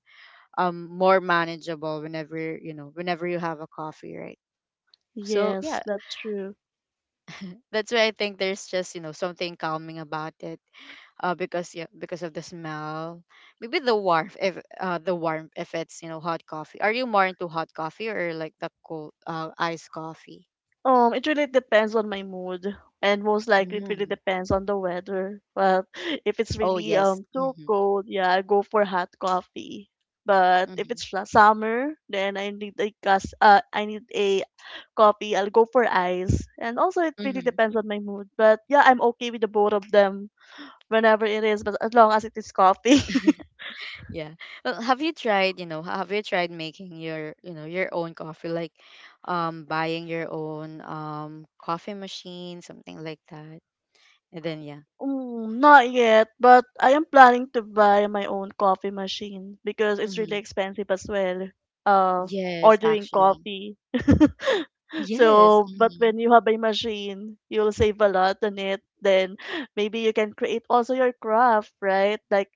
A: more manageable, whenever, you know, whenever you have a coffee, right? So yeah,
B: Yes, that's true.
A: that's why I think there's just, you know, something calming about it, because yeah, because of the smell, maybe the warmth, if the warmth, if it's, you know, hot coffee. Are you more into hot coffee, or like the cold, iced coffee?
B: It really depends on my mood, and most likely it really
A: Mm.
B: depends on the weather. Well, if it's
A: Oh,
B: really
A: yes,
B: too
A: mm-hmm.
B: cold, yeah, I go for hot coffee. But if
A: Mm-hmm.
B: it's summer, then I need a gas. I need a coffee, I'll go for ice. And also, it really
A: Mm-hmm.
B: depends on my mood. But yeah, I'm okay with the both of them whenever it is, but as long as it is coffee.
A: Yeah. Well, have you tried, you know, have you tried making your, you know, your own coffee, like buying your own coffee machine, something like that? And then yeah.
B: Mm, not yet, but I am planning to buy my own coffee machine because it's really
A: Mm-hmm.
B: expensive as well. Uh,
A: Yes,
B: ordering
A: actually.
B: coffee.
A: Yes.
B: So, but
A: Mm-hmm.
B: when you have a machine, you'll save a lot on it. Then maybe you can create also your craft, right? Like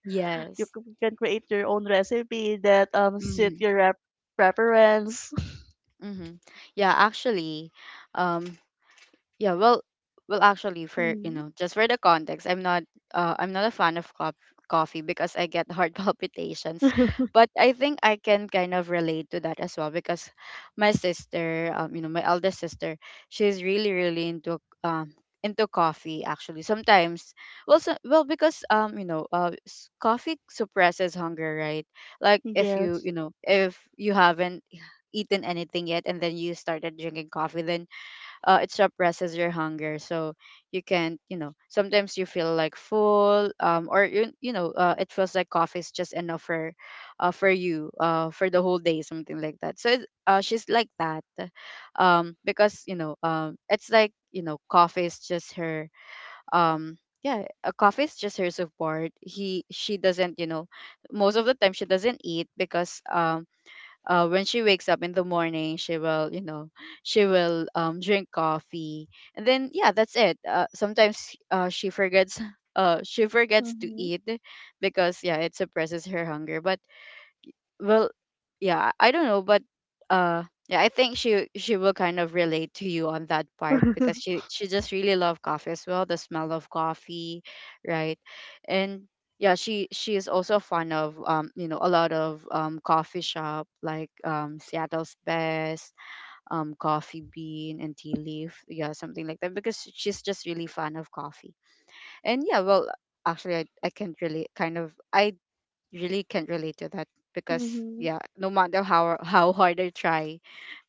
B: You
A: Yes.
B: c- can create your own recipe that suit
A: Mm-hmm.
B: your preference.
A: Mm-hmm. Yeah, actually, um yeah well well, actually, for you
B: Hmm.
A: know, just for the context, I'm not, I'm not a fan of coffee, because I get heart palpitations. But I think I can kind of relate to that as well, because my sister, you know, my elder sister, she's really um into coffee, actually. Sometimes, well, so, well, because you know, coffee suppresses hunger, right? Like, if you,
B: Yes.
A: you know, if you haven't eaten anything yet, and then you started drinking coffee, then it suppresses your hunger. So you can not you know, sometimes you feel like full, or you know, it feels like coffee is just enough for, for you, for the whole day, something like that. So she's like that. Because you know, it's like, you know, coffee is just her, yeah coffee is just her support. He She doesn't, you know, most of the time, she doesn't eat because when she wakes up in the morning, she will, you know, she will drink coffee. And then yeah, that's it. Sometimes, she forgets, she forgets to
B: Mm-hmm.
A: eat, because yeah, it suppresses her hunger. But well, yeah, I don't know. But yeah, I think she will kind of relate to you on that part, because she just really loved coffee as well, the smell of coffee, right? And yeah, she is also fond of, you know, a lot of coffee shop, like Seattle's Best, Coffee Bean and Tea Leaf, yeah, something like that, because she's just really fond of coffee. And yeah, well, I can't really kind of, I really can't relate to that, because
B: Mm-hmm.
A: yeah, no matter how how hard I try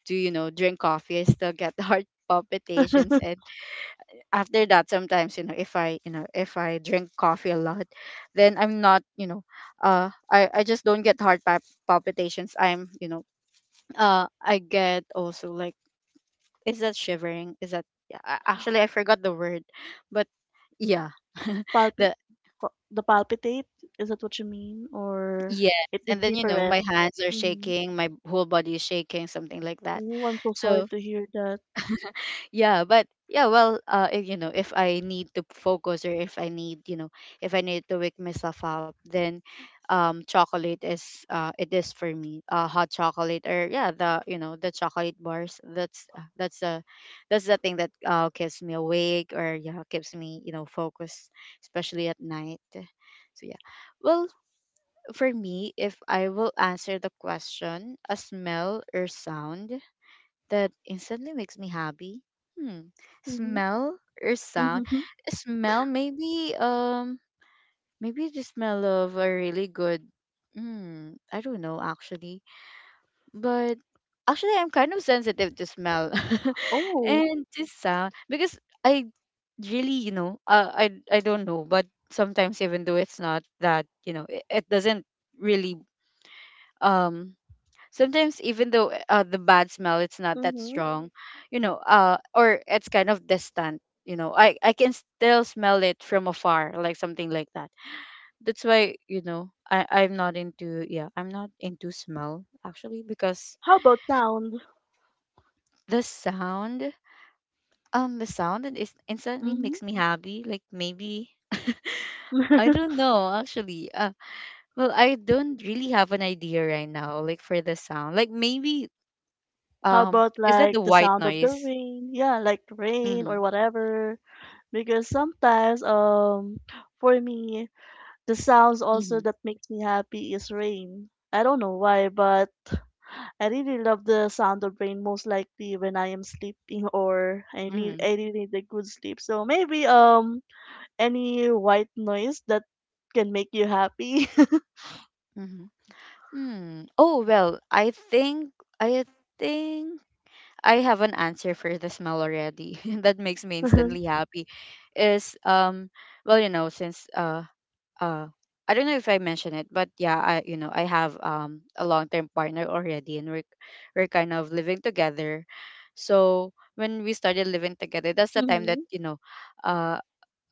A: to, you know, drink coffee, I still get heart palpitations. And after that, sometimes, you know, if I drink coffee a lot, then I'm not, you know, I just don't get heart palpitations. I'm, you know, I get also like, is that shivering? Is that, yeah? Actually, I forgot the word, but yeah.
B: Palpit,
A: the
B: the palpitate, is that what you mean, or
A: Yes,
B: it is
A: and then, you know, my
B: different?
A: hands are
B: Mm-hmm.
A: shaking, my whole body is shaking, something like that.
B: Oh, I'm so sorry
A: So,
B: to hear that.
A: yeah, but yeah, well, if, you know, if I need to focus, or if I need, you know, if I need to wake myself up, then chocolate is, it is for me. Hot chocolate, or yeah, the, you know, the chocolate bars. That's, that's the, that's the thing that keeps me awake, or yeah, keeps me, you know, focused, especially at night. So, yeah. Well, for me, if I will answer the question, a smell or sound that instantly makes me happy. Hmm.
B: Mm-hmm.
A: Smell or sound?
B: Mm-hmm.
A: Smell, maybe, maybe the smell of a really good, hmm, I don't know, actually. But actually, I'm kind of sensitive to smell
B: Oh.
A: and to sound, because I really, you know, I don't know, but sometimes even though it's not that, you know, it doesn't really um sometimes even though, the bad smell, it's not that
B: Mm-hmm.
A: strong, you know, or it's kind of distant, you know, I can still smell it from afar, like something like that. That's why, you know, I'm not into, yeah, I'm not into smell, actually, because
B: How about sound?
A: the sound, the sound, it is instantly
B: Mm-hmm.
A: makes me happy, like maybe. I don't know, actually. Well, I don't really have an idea right now, like for the sound. Like maybe,
B: How about
A: is that the
B: like the
A: white
B: sound of the
A: noise?
B: rain? Yeah, like rain
A: Mm-hmm.
B: or whatever. Because sometimes for me, the sounds also
A: Mhm.
B: that makes me happy is rain. I don't know why, but I really love the sound of rain most likely when I am sleeping or
A: Mhm.
B: I really need a good sleep. So maybe any white noise that can make you happy.
A: Mhm. Mm. Oh, well, I think, I think, I have an answer for the smell already. That makes me instantly happy. Is well, you know, since uh I don't know if I mentioned it, but yeah, I, you know, I have a long-term partner already, and we're kind of living together. So, when we started living together, that's the time that,
B: Mm-hmm.
A: you know, uh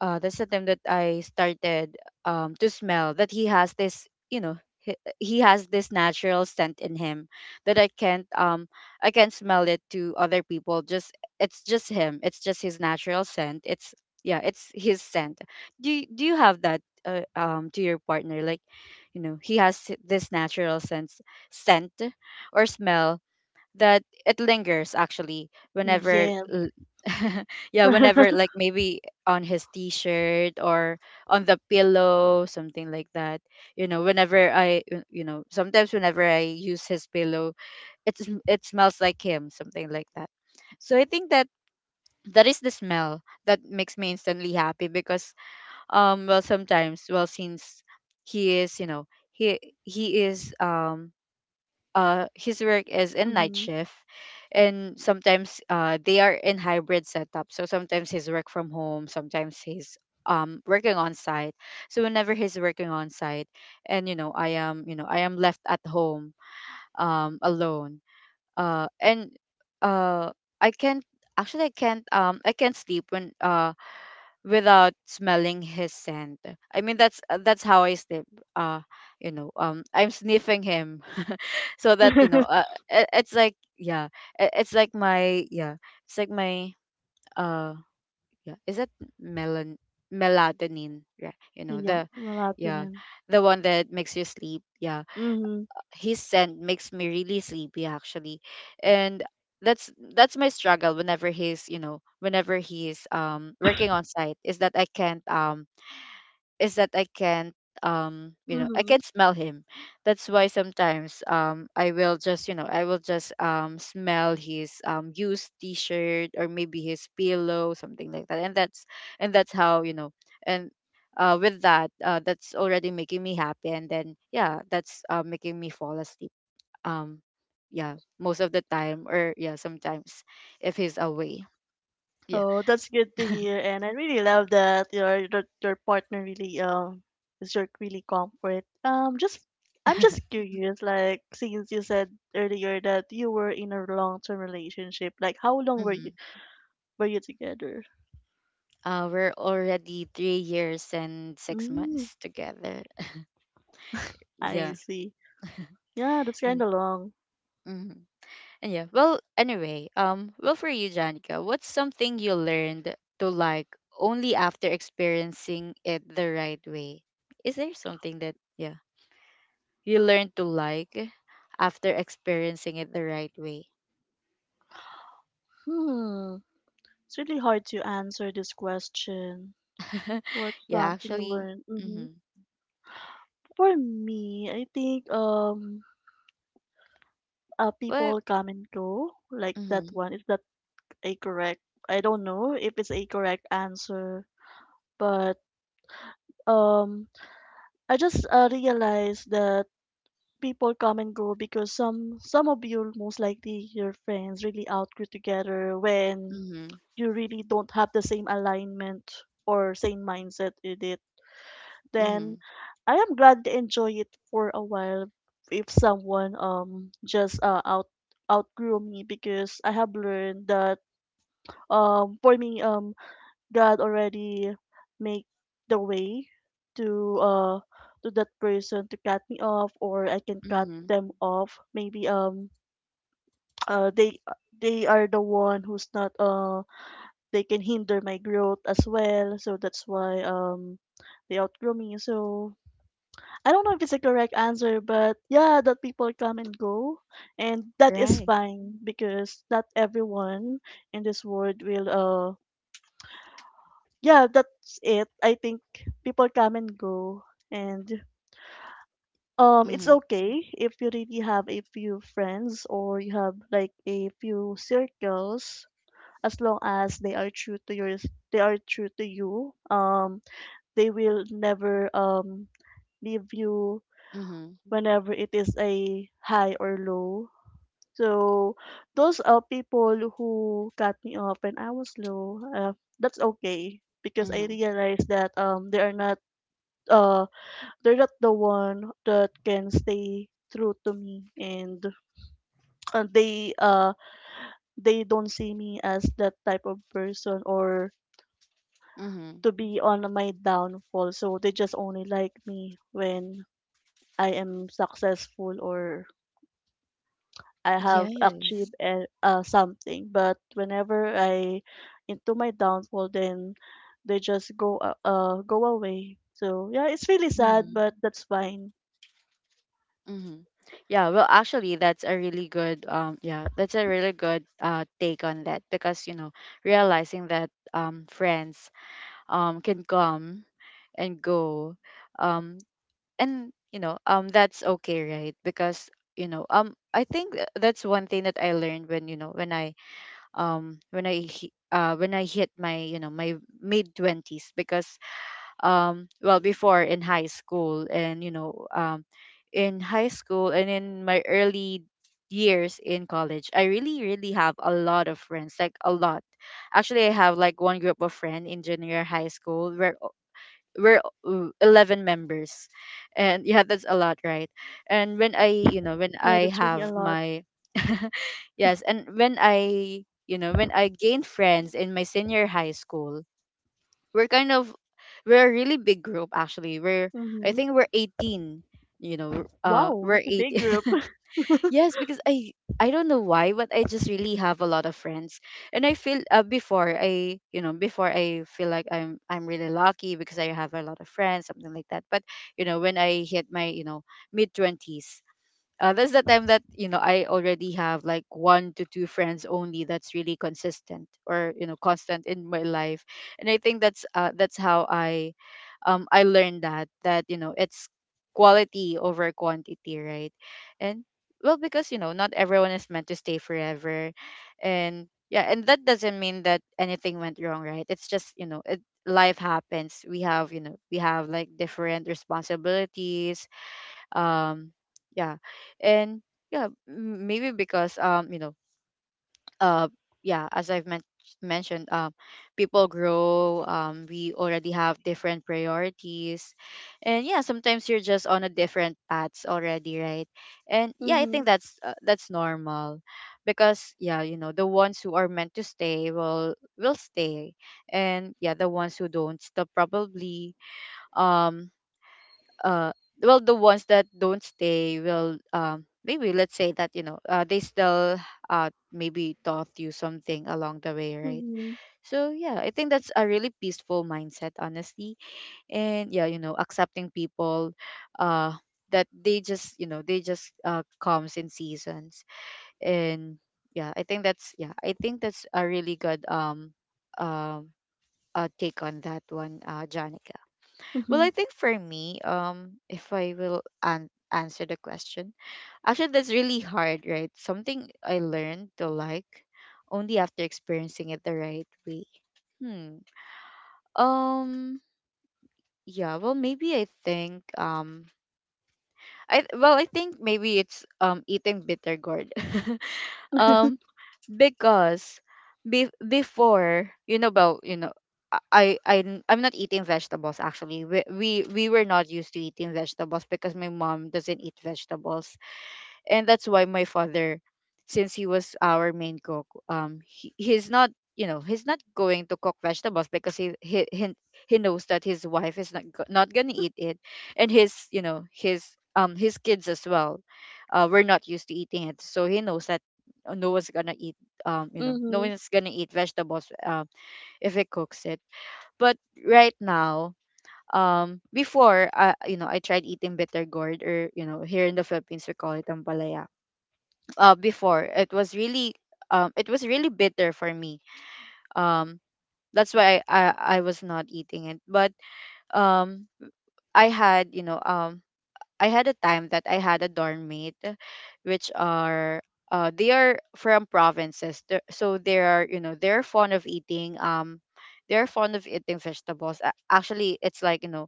A: that's the time that I started to smell that he has this, you know, he has this natural scent in him that I can't smell it to other people. Just it's just him. It's just his natural scent. It's, yeah, it's his scent. Do you have that, to your partner? Like, you know, he has this natural sense scent or smell that it lingers actually whenever
B: Yes.
A: l- yeah, whenever, like, maybe on his t-shirt or on the pillow, something like that. You know, whenever you know, sometimes whenever I use his pillow, it smells like him, something like that. So I think that is the smell that makes me instantly happy because, well, sometimes, well, since he is, you know, he he is, his work is in night
B: Mm-hmm.
A: shift. And sometimes, they are in hybrid setup, so sometimes he's work from home, sometimes he's working on site. So whenever he's working on site and, you know, I am left at home, alone. And uh I can't, actually I can't sleep when without smelling his scent. I mean, that's how I sleep. uh I'm sniffing him, so that, you know, uh, it, it's like, yeah, it's like my, yeah, it's like my, uh yeah, is that melon melatonin, right? You know,
B: Yeah,
A: the, yeah,
B: melatonin.
A: the one that makes you sleep. Yeah,
B: Mm-hmm.
A: his scent makes me really sleepy actually. And that's my struggle whenever he's, you know, whenever he's working on site, is that I can't, you know, I
B: Mm-hmm.
A: can smell him. That's why sometimes, I will just, you know, I will just smell his used t-shirt or maybe his pillow, something like that. And that's how, you know, and, with that, that's already making me happy, and then, yeah, that's, making me fall asleep. Um yeah, most of the time, or yeah, sometimes, if he's away. Yeah.
B: Oh, that's good to hear, and I really love that your partner really is your really comfort. Just I'm just curious, like since you said earlier that you were in a long term relationship, like how long
A: Mm-hmm.
B: were you together?
A: We're already 3 years and six
B: Mm,
A: months together.
B: I
A: Yeah.
B: see. Yeah, that's kind
A: And,
B: of long.
A: mhm, and yeah. Well, anyway, well, for you, Janica, what's something you learned to like only after experiencing it the right way? Is there something that, yeah, you learned to like after experiencing it the right way?
B: Hmm, it's really hard to answer this question. What's
A: Yeah,
B: something you
A: actually.
B: learned? Mm-hmm.
A: Mm-hmm.
B: For me, I think
A: What?
B: people come and go, like that
A: Mm-hmm.
B: one. Is that a correct, I don't know if it's a correct answer, but um I just realized that people come and go, because some of you most likely your friends really outgrew together when
A: Mm-hmm.
B: you really don't have the same alignment or same mindset with it.
A: Mm-hmm.
B: Then I am glad to enjoy it for a while if someone just outgrew me, because I have learned that for me, God already make the way to uh to that person to cut me off, or I can cut
A: Mm-hmm.
B: them off. Maybe uh they they are the one who's not they can hinder my growth as well. So that's why they outgrow me. So I don't know if it's a correct answer, but yeah, that people come and go, and that is
A: Right.
B: fine because not everyone in this world will uh, yeah, that's it. I think people come and go, and it's
A: Mm-hmm.
B: okay if you really have a few friends or you have like a few circles. As long as they are true to you. They will never leave you
A: Mm-hmm.
B: whenever it is a high or low. So those are people who cut me off when I was low. That's okay because I
A: Mm-hmm.
B: realized that they are not uh they're not the one that can stay true to me, and uh, they uh they don't see me as that type of person or
A: Mm-hmm.
B: to be on my downfall, so they just only like me when I am successful, or I have
A: Yes.
B: achieved something. But whenever I into my downfall, then they just go go away. So yeah, it's really sad,
A: Mm-hmm.
B: but that's fine.
A: Mm-hmm. Yeah, well, actually, that's a really good yeah, that's a really good take on that because, you know, realizing that friends can come and go, um and, you know, that's okay, right? Because, you know, I think that's one thing that I learned when, you know, when I, when I hit my, you know, my mid 20s. Because, well, before, in high school and, you know, in high school and in my early years in college, I really, really have a lot of friends, like a lot. Actually, I have like one group of friends in junior high school, we're 11 members. And yeah, that's a lot, right? And when I, you know, when
B: Yeah,
A: I
B: that's really a
A: have
B: lot.
A: my yes, and when I, you know, when I gained friends in my senior high school, we're kind of we're a really big group actually. We're I
B: Mhm.
A: think we're 18, you know,
B: Wow,
A: we're
B: that's a
A: 8.
B: big group.
A: Yes, because I don't know why, but I just really have a lot of friends. And I feel, before I feel like I'm really lucky because I have a lot of friends, something like that. But, you know, when I hit my, you know, mid 20s, that's the time that, you know, I already have like one to two friends only that's really consistent, or you know, constant in my life. And I think that's how I, I learned that, you know, it's quality over quantity, right? And, well, because, you know, not everyone is meant to stay forever. And yeah, and that doesn't mean that anything went wrong, right? it's just you know it, Life happens. We have like different responsibilities. um yeah. And yeah, maybe because, you know, uh yeah, as I've mentioned, people grow, we already have different priorities. And yeah, sometimes you're just on a different paths already, right? And yeah, I
B: Mm-hmm.
A: think that's normal, because yeah, you know, the ones who are meant to stay will, stay. And yeah, the ones who don't, they'll probably, um uh well, the ones that don't stay will, maybe let's say that, you know, they still, maybe taught you something along the way, right?
B: Mm-hmm.
A: So yeah, I think that's a really peaceful mindset, honestly. And yeah, you know, accepting people, uh that they just, you know, they just, comes in seasons. And yeah, I think that's a really good, um take on that one, Janica. Well,
B: Mm-hmm.
A: I think for me, if I will answer the question, actually, that's really hard, right? Something I learned to like only after experiencing it the right way. Hmm. Um. Yeah. Well, maybe I think. I Well, I think maybe it's, eating bitter gourd. um. Because, be- before you know about you know I'm not eating vegetables actually. We were not used to eating vegetables because my mom doesn't eat vegetables. And that's why my father, since he was our main cook, he's not, you know, he's not going to cook vegetables because he knows that his wife is not not going to eat it. And his, you know, his kids as well were not used to eating it. So he knows that, no one's going to eat, no
B: Mm-hmm.
A: one's going to eat vegetables, if he cooks it. But right now, before you know, I tried eating bitter gourd, or, you know, here in the Philippines we call it ampalaya. Before, it was really, it was really bitter for me, um, that's why I was not eating it. But, um, i had you know um, I had a time that I had a dorm mate, which are, they are from provinces. They are, you know, they're fond of eating they're fond of eating vegetables. Actually, it's like, you know,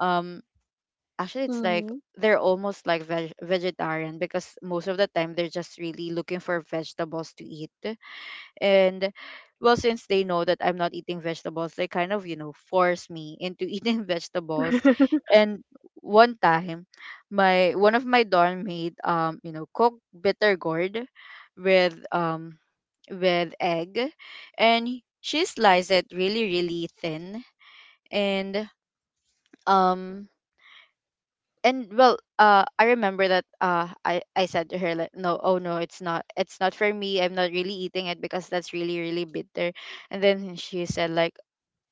A: um actually it's like
B: Mm-hmm.
A: they're almost like vegetarian, because most of the time they're just really looking for vegetables to eat. And well, since they know that I'm not eating vegetables, they kind of, you know, force me into eating vegetables. And one time, my one of my dorm made, you know, cooked bitter gourd with um with egg. And she sliced it really, really thin. And, um I remember that, I said to her like, no, oh no, it's not for me, I'm not really eating it because that's really, really bitter. And then she said like,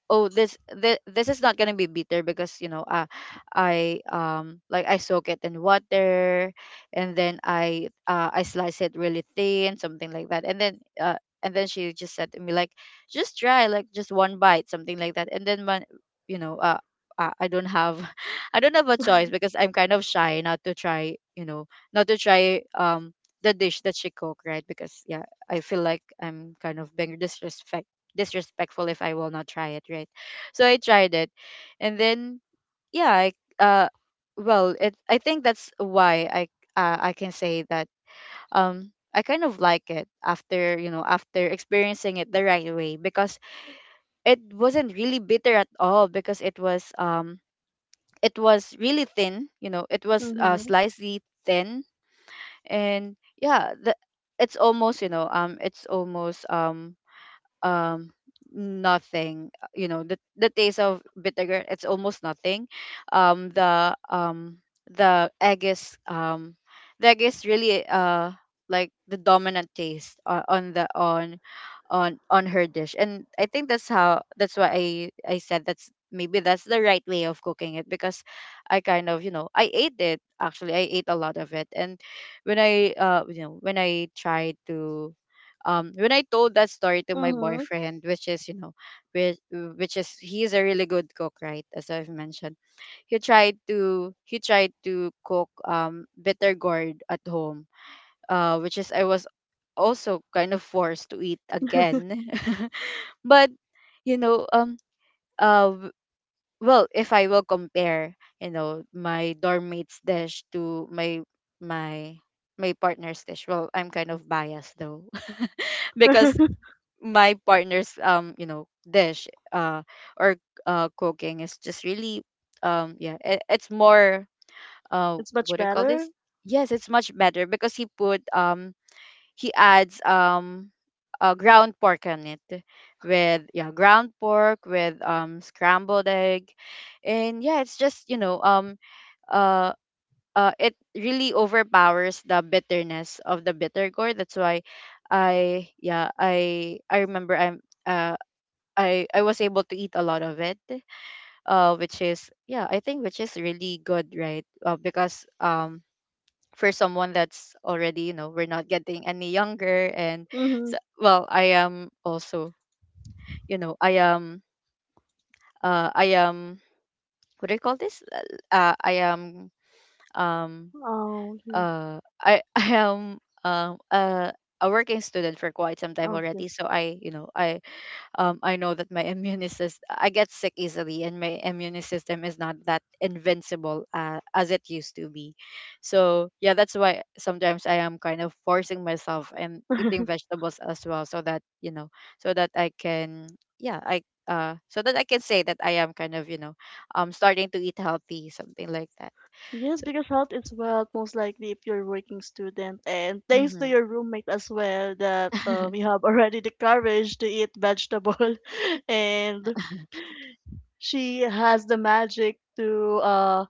A: oh, this is not gonna be bitter because, you know, I, like, I soak it in water, and then I slice it really thin, something like that. And then, and then she just said to me like, just try, like, just one bite, something like that. And then when, you know, I don't have I don't have a choice, because I'm kind of shy not to try, you know, not to try the dish that she cooked, right? Because yeah, I feel like I'm kind of being disrespectful if I will not try it, right? So I tried it, and then, yeah, I, uh, well, it I think that's why I, I can say that, I kind of like it after, you know, after experiencing it the right way, because it wasn't really bitter at all, because it was really thin, you know, it was,
B: Mm-hmm.
A: slightly thin. And yeah, the, it's almost you know it's almost um nothing. You know, the taste of vinegar, it's almost nothing. um the um the egg is, really, like the dominant taste, on the on her dish. And I think that's why I said, that's maybe that's the right way of cooking it, because I kind of you know I ate it. Actually, I ate a lot of it. And when I you know when I tried to when I told that story to my
B: Mm-hmm.
A: boyfriend, which is, you know, which is he's a really good cook, right? As I've mentioned, he tried to cook, bitter gourd at home, which is I was also kind of forced to eat again. But, you know, uh w- well, if I will compare, you know, my dorm mate's dish to my, my my partner's dish, well, I'm kind of biased though, because my partner's, you know, dish, uh or cooking is just really, yeah, it's more, uh
B: It's much
A: what do you call
B: better.
A: this? Yes, it's much better because he adds, ground pork on it. With, yeah, ground pork with, scrambled egg. And yeah, it's just, you know, uh it really overpowers the bitterness of the bitter gourd. That's why I, yeah, I remember, uh I was able to eat a lot of it, which is, yeah, I think, which is really good, right? Because, for someone that's already, you know, we're not getting any younger, and
B: Mm-hmm.
A: so, well, I am also, you know, I am, what do you call this? I am, um
B: Oh, okay.
A: I I am, um uh a working student for quite some time
B: Okay.
A: already. So I, you know, I, I know that my immune system, I get sick easily, and my immune system is not that invincible, as it used to be. So yeah, that's why sometimes I am kind of forcing myself and eating vegetables as well, so that, you know, so that I can, yeah, I can say that I am kind of, you know, starting to eat healthy, something like that.
B: Yes,
A: So,
B: because health is wealth, most likely if you're a working student. And thanks
A: mm-hmm.
B: to your roommate as well, that you have already the courage to eat vegetable, and she has the magic to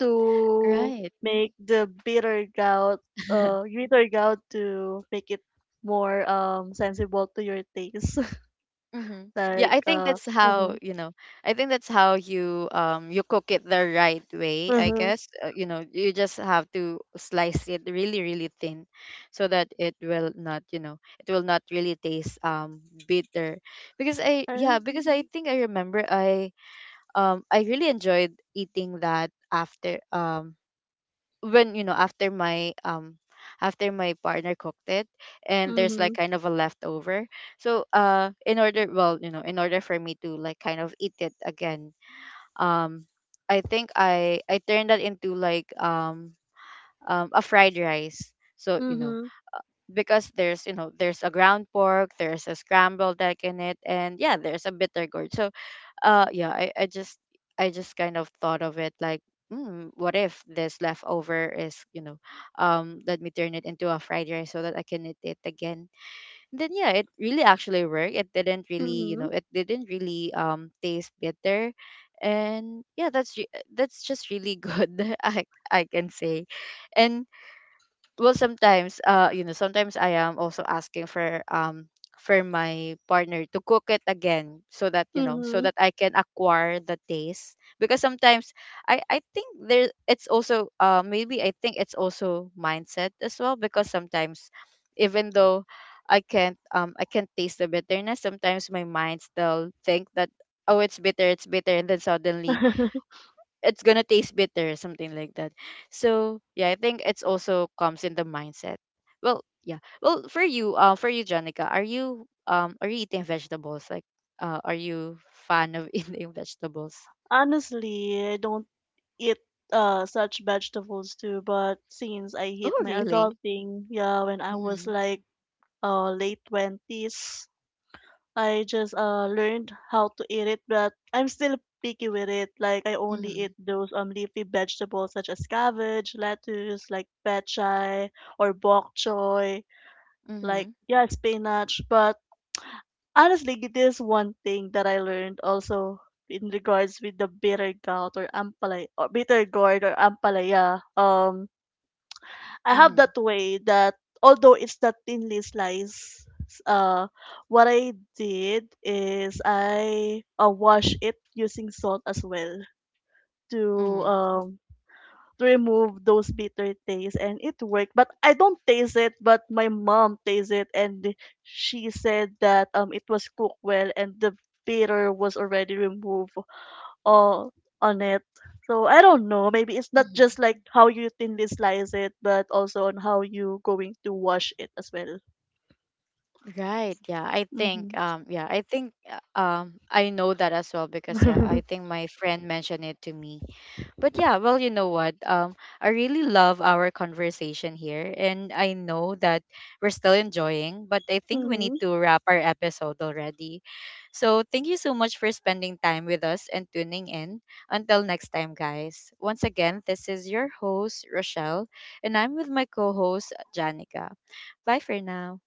B: to
A: Right.
B: make the bitter gout, bitter gout, to make it more sensible to your taste.
A: Mm-hmm. Yeah,
B: Like
A: I think
B: uh,
A: that's how,
B: mhm,
A: you know, I think that's how you, you cook it the right way, I
B: mhm,
A: guess. You know, you just have to slice it really, really thin so that it will not, you know, it will not really taste, bitter. Because I Yeah, because I think I remember, I really enjoyed eating that after, when you know after my partner cooked it, and there's like
B: mhm,
A: kind of a leftover. So, in order well you know in order for me to like kind of eat it again, um I think I turned that into like, a fried rice, so,
B: mhm,
A: you know,
B: mhm,
A: because there's, you know, there's a ground pork, there's a scrambled egg in it, and yeah, there's a bitter gourd. So, yeah I just kind of thought of it like, what if this leftover is, you know, let me turn it into a fried rice so that I can eat it again. And then yeah, it really actually worked. It didn't really,
B: mhm,
A: taste bitter. And yeah, that's just really good, i I can say. And, well, sometimes, you know, sometimes I am also asking for, for my partner to cook it again, so that,
B: mhm.
A: I can acquire the taste. Because sometimes, I think, there it's also maybe I think it's also mindset as well. Because sometimes, even though I can't taste the bitterness, sometimes my mind still think that, oh, it's bitter, and then suddenly it's gonna taste bitter, something like that. So yeah, I think it's also comes in the mindset. Well, yeah, well, for you, Janica, are you, are you eating vegetables? Like, are you fan of eating vegetables?
B: Honestly, I don't eat such vegetables too, but since I hit
A: Oh,
B: my
A: really?
B: adulting, yeah, when I was
A: Mhm.
B: like uh, late 20s, I just learned how to eat it, but I'm still picky with it. Like I only eat
A: Mhm.
B: those leafy vegetables such as cabbage, lettuce, like pechay or bok choy, like
A: Mhm.
B: yeah, spinach. But honestly, it is one thing that I learned also in regards with the bitter gourd or ampalaya. Um, I have
A: Mhm.
B: that way that although it's not thinly sliced, uh, what I did is I wash it using salt as well to
A: Mhm.
B: um to remove those bitter taste, and it worked. But I don't taste it, but my mom tastes it, and she said that it was cooked well and the bitter was already removed all on it. So I don't know. Maybe it's not
A: Mhm.
B: just like how you thinly slice it, but also on how you going to wash it as well.
A: Right. Yeah. I think.
B: Mm-hmm.
A: Yeah. I think, I know that as well because yeah, I think my friend mentioned it to me. But yeah, well, you know what, I really love our conversation here, and I know that we're still enjoying, but I think we need to wrap our episode already. So thank you so much for spending time with us and tuning in. Until next time, guys. Once again, this is your host, Rochelle, and I'm with my co host, Janica. Bye for now.